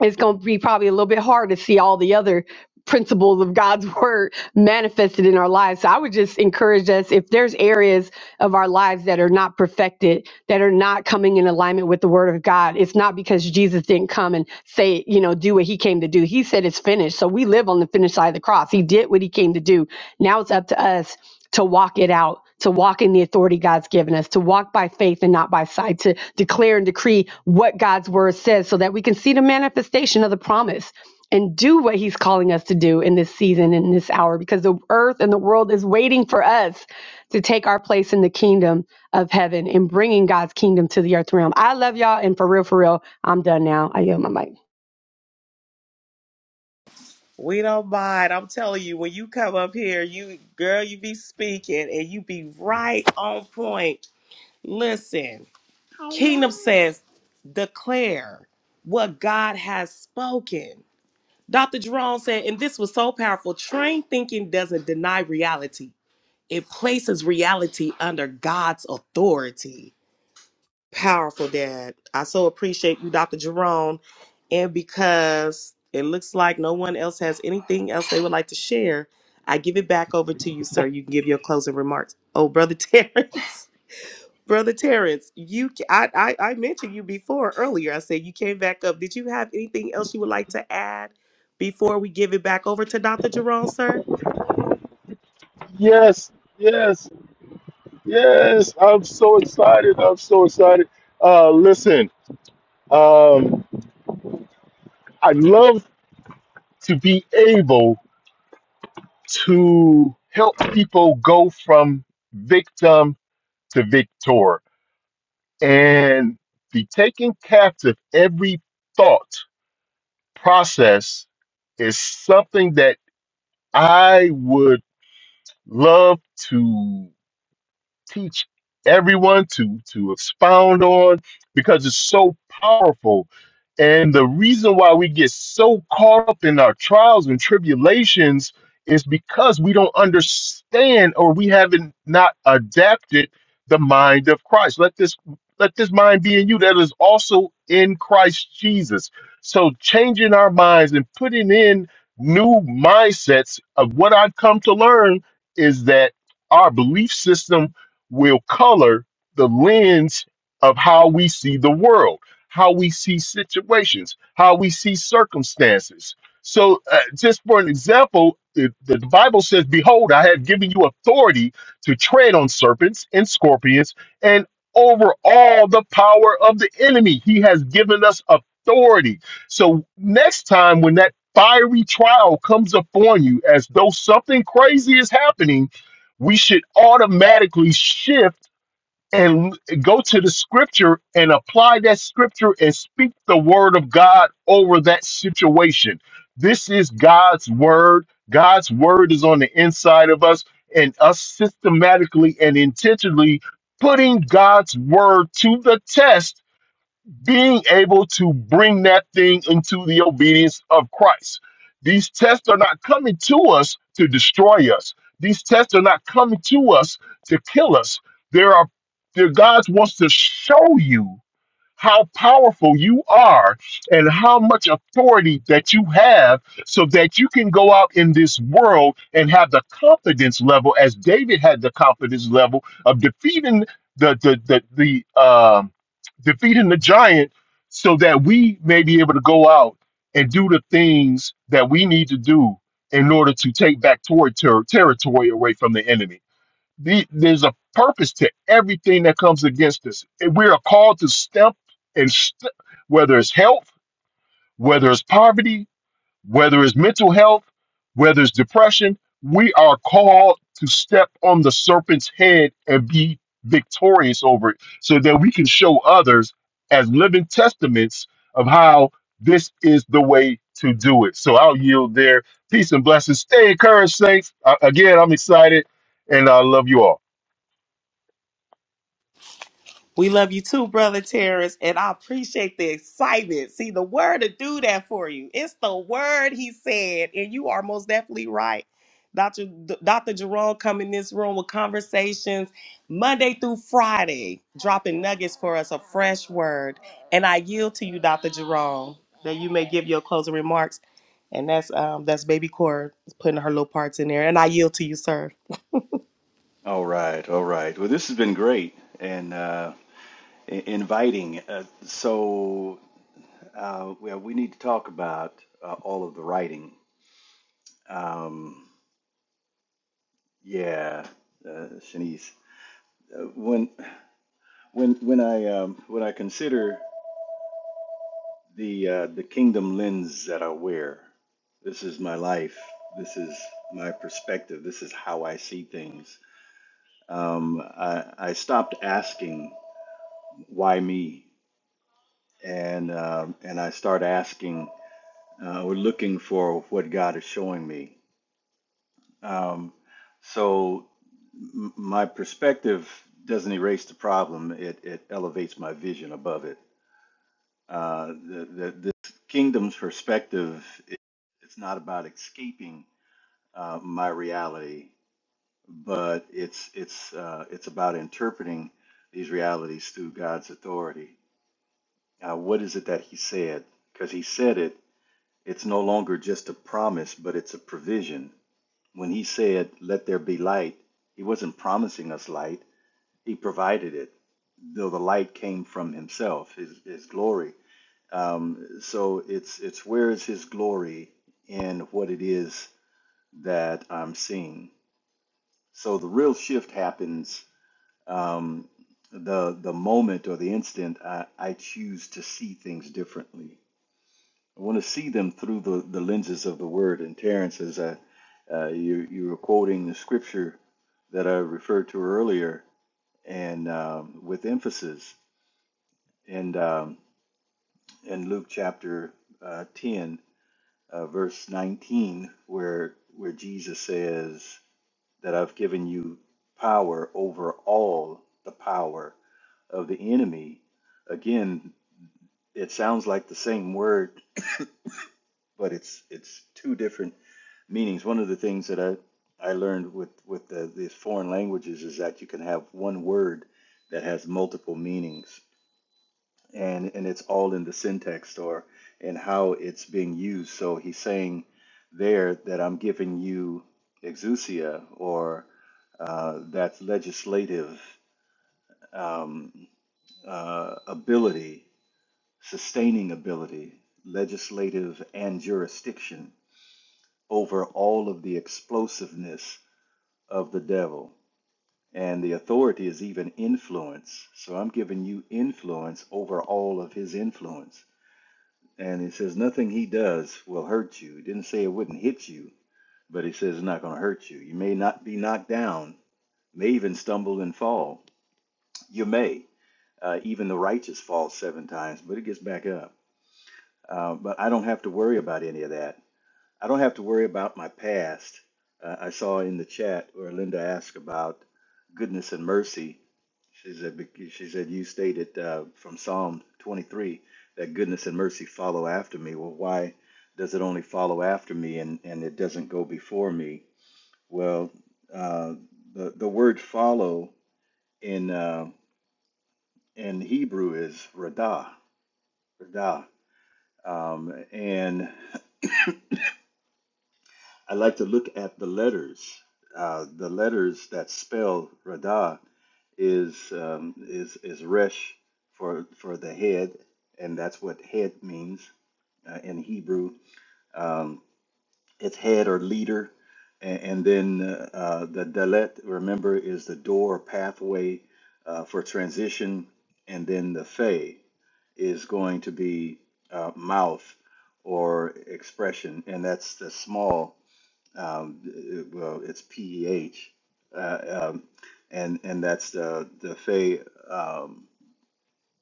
S4: it's going to be probably a little bit hard to see all the other principles of God's [laughs] word manifested in our lives. So I would just encourage us if there's areas of our lives that are not perfected, that are not coming in alignment with the word of God, it's not because Jesus didn't come and say, you know, do what he came to do. He said it's finished. So we live on the finished side of the cross. He did what he came to do. Now it's up to us to walk it out to walk in the authority God's given us, to walk by faith and not by sight, to declare and decree what God's word says so that we can see the manifestation of the promise and do what he's calling us to do in this season, in this hour, because the earth and the world is waiting for us to take our place in the kingdom of heaven and bringing God's kingdom to the earth realm. I love y'all. And for real, for real, I'm done now. I yield my mic.
S3: We don't mind. I'm telling you, when you come up here, you girl, you be speaking and you be right on point. Listen. Kingdom says, declare what God has spoken. Dr. Jerome said, and this was so powerful trained thinking doesn't deny reality, it places reality under God's authority. Powerful, Dad. I so appreciate you, Dr. Jerome. And because it looks like no one else has anything else they would like to share, I give it back over to you, sir. You can give your closing remarks. Oh, Brother Terrence. [laughs] Brother Terrence, you I, I I mentioned you before earlier. I said you came back up. Did you have anything else you would like to add before we give it back over to Dr. Jerome, sir?
S7: Yes, yes, yes. I'm so excited. I'm so excited. Uh, listen, um, I love to be able to help people go from victim to victor. And the taking captive every thought process is something that I would love to teach everyone to to expound on because it's so powerful and the reason why we get so caught up in our trials and tribulations is because we don't understand or we haven't not adapted the mind of Christ let this let this mind be in you that is also in Christ Jesus so changing our minds and putting in new mindsets of what I've come to learn is that our belief system will color the lens of how we see the world, how we see situations, how we see circumstances. So, uh, just for an example, the, the Bible says, Behold, I have given you authority to tread on serpents and scorpions and over all the power of the enemy. He has given us authority. So, next time when that fiery trial comes upon you as though something crazy is happening, we should automatically shift and go to the scripture and apply that scripture and speak the word of God over that situation. This is God's word. God's word is on the inside of us, and us systematically and intentionally putting God's word to the test being able to bring that thing into the obedience of Christ. These tests are not coming to us to destroy us. These tests are not coming to us to kill us. There are there, God wants to show you how powerful you are and how much authority that you have so that you can go out in this world and have the confidence level as David had the confidence level of defeating the the the, the um defeating the giant so that we may be able to go out and do the things that we need to do in order to take back toward ter- territory away from the enemy the, there's a purpose to everything that comes against us. And we are called to step and st- whether it's health, whether it's poverty, whether it's mental health, whether it's depression, we are called to step on the serpent's head and be victorious over it so that we can show others as living testaments of how this is the way to do it. So I'll yield there. Peace and blessings. Stay encouraged, saints. Uh, again, I'm excited and I love you all.
S3: We love you too, brother Terrence, and I appreciate the excitement. See, the word to do that for you. It's the word he said, and you are most definitely right. Dr. D- Dr. Jerome come in this room with conversations Monday through Friday, dropping nuggets for us, a fresh word. And I yield to you, Dr. Jerome, that you may give your closing remarks. And that's um that's baby Cora putting her little parts in there. And I yield to you, sir.
S6: All right, all right. Well, this has been great and uh, i- inviting. Uh, so, uh, well, we need to talk about uh, all of the writing. Um, yeah, uh, Shanice. Uh, when when when I um, when I consider the uh, the kingdom lens that I wear. This is my life. This is my perspective. This is how I see things. Um, I, I stopped asking why me, and um and I start asking uh, or looking for what God is showing me. Um, so m- my perspective doesn't erase the problem. It it elevates my vision above it. Uh, the, the, this kingdom's perspective, it, it's not about escaping uh, my reality, but it's it's uh, it's about interpreting these realities through God's authority. Uh, what is it that He said? Because He said it, it's no longer just a promise, but it's a provision. When He said, "Let there be light," He wasn't promising us light; he provided it, though the light came from Himself, His His glory. Um, so it's it's where is His glory in what it is that I'm seeing. So the real shift happens um, the the moment or the instant I, I choose to see things differently. I want to see them through the, the lenses of the Word. And Terrence, as I, uh, you you were quoting the scripture that I referred to earlier, and um, with emphasis, and um, in Luke chapter uh, ten, uh, verse nineteen, where where Jesus says that I've given you power over all the power of the enemy. Again, it sounds like the same word but it's it's two different meanings. One of the things that I I learned with with the, these foreign languages is that you can have one word that has multiple meanings, and and it's all in the syntax or in how it's being used. So he's saying there that I'm giving you exousia or uh, that legislative um, uh, ability, sustaining ability, legislative and jurisdiction over all of the explosiveness of the devil. And the authority is even influence. So I'm giving you influence over all of his influence. And he says, nothing he does will hurt you. He didn't say it wouldn't hit you, but he says it's not going to hurt you. You may not be knocked down, may even stumble and fall. You may. Uh, even the righteous falls seven times, but it gets back up. Uh, but I don't have to worry about any of that I don't have to worry about my past. Uh, I saw in the chat where Linda asked about goodness and mercy. She said, bec- she said you stated uh, from Psalm 23 that goodness and mercy follow after me. Well, why does it only follow after me and, and it doesn't go before me? Well, uh, the, the word follow in, uh, in Hebrew is radah, radah. Um, and I like to look at the letters. Uh, the letters that spell Radah is um, is is Resh for for the head, and that's what head means uh, in Hebrew. Um, it's head or leader, and, and then uh, uh, the Dalet. Remember, is the door pathway uh, for transition, and then the Fe is going to be uh, mouth or expression, and that's the small um, it- well, it's PEH, uh, um, and and that's the the Fey, um,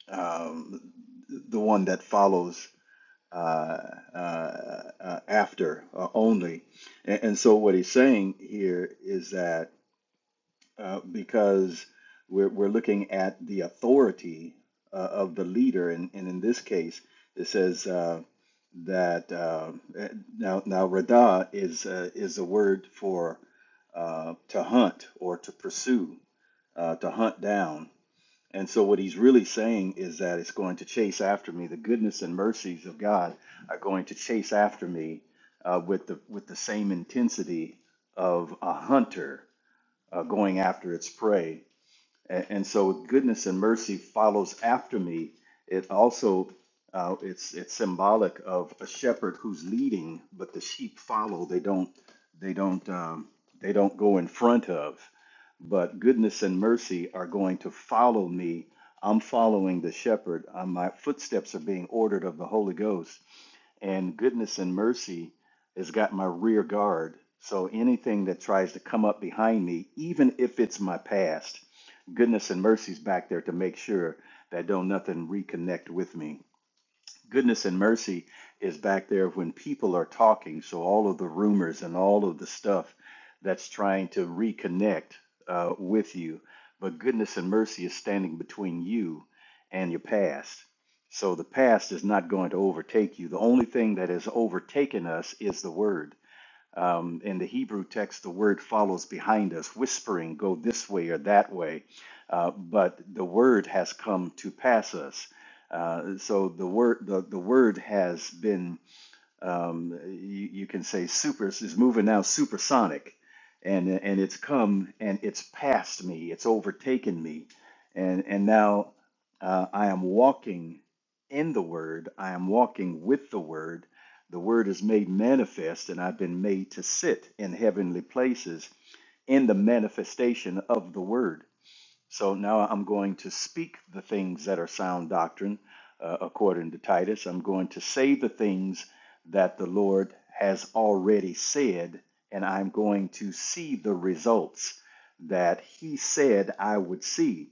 S6: um, the one that follows uh, uh, uh, after uh, only, and, and so what he's saying here is that uh, because we're, we're looking at the authority uh, of the leader. And, and in this case, it says uh, that uh, eh, now, now radah is, uh, is a word for uh, to hunt or to pursue, uh, to hunt down. And so, what he's really saying is that it's going to chase after me. The goodness and mercies of God are going to chase after me uh, with the with the same intensity of a hunter uh, going after its prey and, and so goodness and mercy follows after me it also uh, it's it's symbolic of a shepherd who's leading but the sheep follow they don't they don't um, they don't go in front of but goodness and mercy are going to follow me i'm following the shepherd uh, my footsteps are being ordered of the holy ghost and goodness and mercy has got my rear guard so anything that tries to come up behind me even if it's my past Goodness and mercy's back there to make sure that don't nothing reconnect with me. Goodness and mercy is back there when people are talking, so all of the rumors and all of the stuff that's trying to reconnect uh, with you. But goodness and mercy is standing between you and your past. So the past is not going to overtake you. The only thing that has overtaken us is the word um, in the Hebrew text, the word follows behind us, whispering, go this way or that way. Uh, but the word has come to pass us. Uh, so the word, the, the word has been um, you, you can say super is moving now supersonic and and it's come and it's passed me it's overtaken me and and now uh, i am walking in the word i am walking with the word the word is made manifest and i've been made to sit in heavenly places in the manifestation of the word so now I'm going to speak the things that are sound doctrine, uh, according to Titus. I'm going to say the things that the Lord has already said, and I'm going to see the results that He said I would see.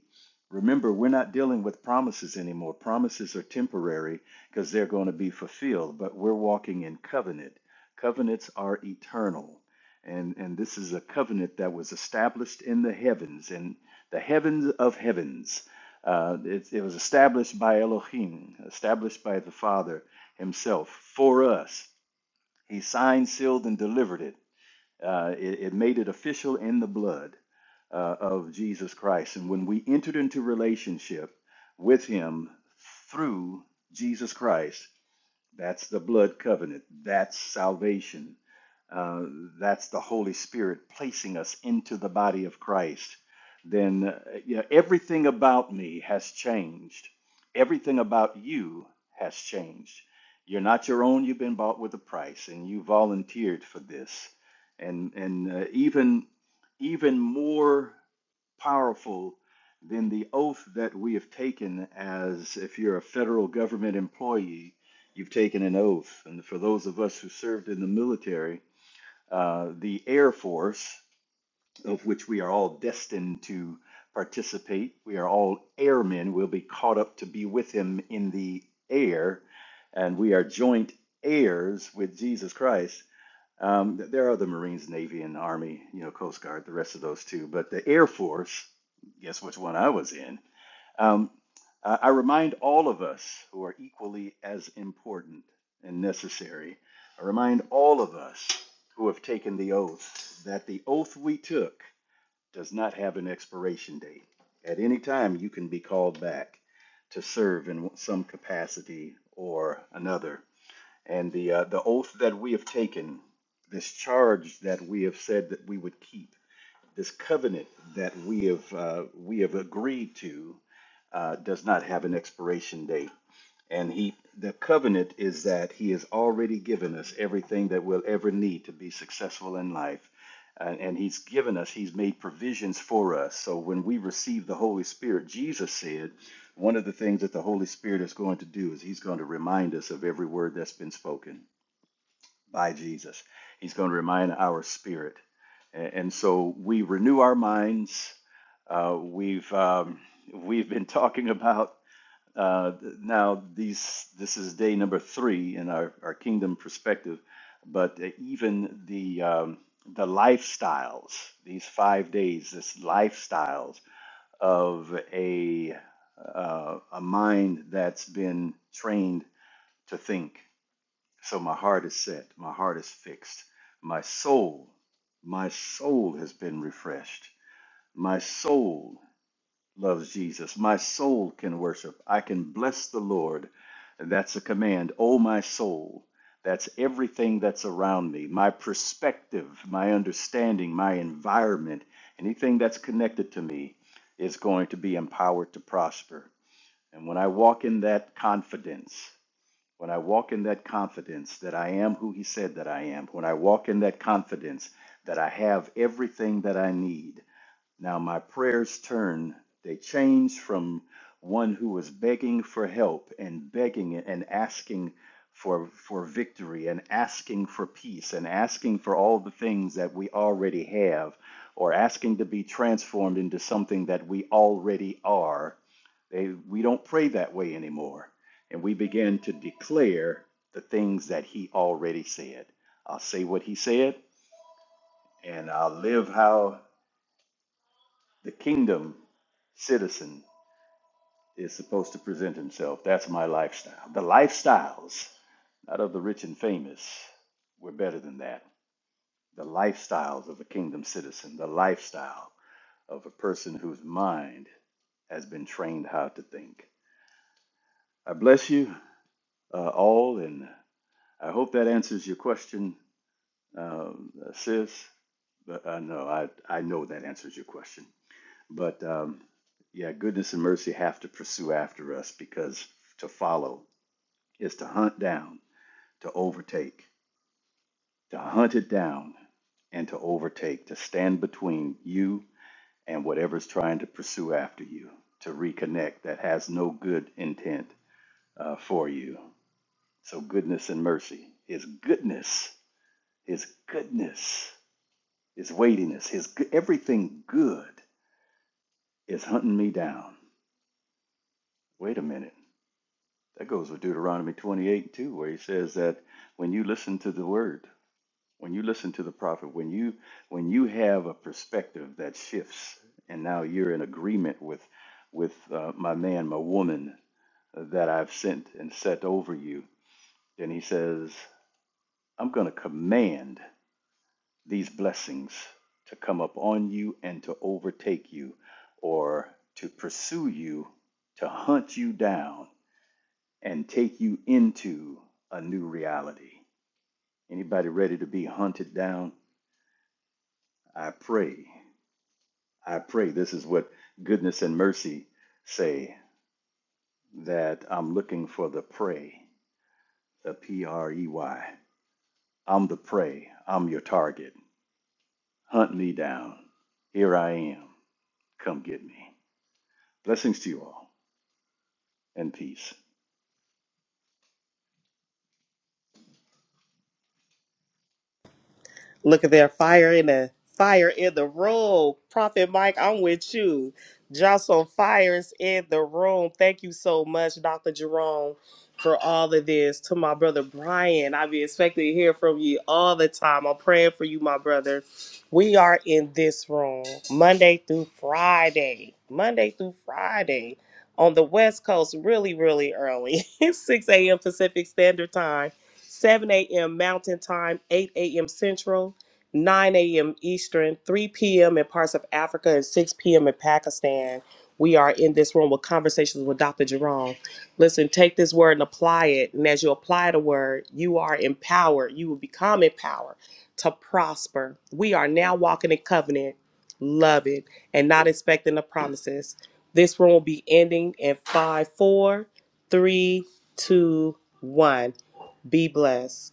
S6: Remember, we're not dealing with promises anymore. Promises are temporary because they're going to be fulfilled, but we're walking in covenant. Covenants are eternal. And, and this is a covenant that was established in the heavens. And the heavens of heavens. Uh, it, it was established by Elohim, established by the Father Himself for us. He signed, sealed, and delivered it. Uh, it, it made it official in the blood uh, of Jesus Christ. And when we entered into relationship with Him through Jesus Christ, that's the blood covenant. That's salvation. Uh, that's the Holy Spirit placing us into the body of Christ. Then uh, you know, everything about me has changed. Everything about you has changed. You're not your own. You've been bought with a price, and you volunteered for this. And and uh, even even more powerful than the oath that we have taken as if you're a federal government employee You've taken an oath. And for those of us who served in the military, uh, the Air Force, of which we are all destined to participate, we are all airmen, will be caught up to be with him in the air. And we are joint heirs with Jesus Christ um, th- there are the Marines, Navy, and Army, you know, Coast Guard, the rest of those too. But the Air Force, guess which one I was in? Um, I I remind all of us who are equally as important and necessary, I remind all of us who have taken the oath that the oath we took does not have an expiration date. At any time, you can be called back to serve in some capacity or another and the uh, the oath that we have taken, this charge that we have said that we would keep, this covenant that we have uh, we have agreed to, uh, does not have an expiration date. And he the covenant is that he has already given us everything that we'll ever need to be successful in life. And and he's given us, he's made provisions for us. So when we receive the Holy Spirit, Jesus said, one of the things that the Holy Spirit is going to do is he's going to remind us of every word that's been spoken by Jesus. He's going to remind our spirit. And so we renew our minds. Uh, we've um, we've been talking about uh, now these this is day number three in our, our kingdom perspective, but even the um, the lifestyles these five days this lifestyles of a uh, a mind that's been trained to think so my heart is set, my heart is fixed. My soul, my soul has been refreshed. My soul loves Jesus. My soul can worship. I can bless the Lord. And that's a command. Oh, my soul. That's everything that's around me, my perspective, my understanding, my environment, anything that's connected to me is going to be empowered to prosper. And when I walk in that confidence, when I walk in that confidence that I am who He said that I am, when I walk in that confidence that I have everything that I need, now my prayers turn; they change from one who was begging for help and begging and asking for, for victory and asking for peace and asking for all the things that we already have or asking to be transformed into something that we already are. They, we don't pray that way anymore. And we begin to declare the things that he already said. I'll say what he said and I'll live how the kingdom citizen is supposed to present himself. That's my lifestyle. The lifestyles, not of the rich and famous, we're better than that. The lifestyles of a kingdom citizen, the lifestyle of a person whose mind has been trained how to think. I bless you uh, all, and I hope that answers your question, um, sis. But I know I, I know that answers your question. But um, yeah, goodness and mercy have to pursue after us because to follow is to hunt down, to overtake, to hunt it down, and to overtake, to stand between you and whatever's trying to pursue after you, to reconnect that has no good intent uh, for you. So, goodness and mercy, His goodness, His goodness, His weightiness, His go- everything good is hunting me down. Wait a minute. That goes with Deuteronomy 28 and 2, where he says that when you listen to the word, when you listen to the prophet, when you when you have a perspective that shifts, and now you're in agreement with with uh, my man, my woman uh, that I've sent and set over you, then he says, I'm going to command these blessings to come up on you and to overtake you, or to pursue you, to hunt you down and take you into a new reality. Anybody ready to be hunted down? I pray. I pray this is what goodness and mercy say that I'm looking for the prey, the P R E Y. I'm the prey. I'm your target. Hunt me down. Here I am. Come get me. Blessings to you all and peace.
S3: Look at there, fire in the fire in the room. Prophet Mike, I'm with you. Jocelyn Fires in the room. Thank you so much, Dr. Jerome, for all of this. To my brother Brian, I be expecting to hear from you all the time. I'm praying for you, my brother. We are in this room Monday through Friday. Monday through Friday on the West Coast, really, really early. [laughs] 6 a.m. Pacific Standard Time. 7 a.m. Mountain Time, 8 a.m. Central, 9 a.m. Eastern, 3 p.m. in parts of Africa, and 6 p.m. in Pakistan. We are in this room with conversations with Dr. Jerome. Listen, take this word and apply it. And as you apply the word, you are empowered. You will become empowered to prosper. We are now walking in covenant, love it, and not expecting the promises. This room will be ending in five, four, three, two, one. Be blessed.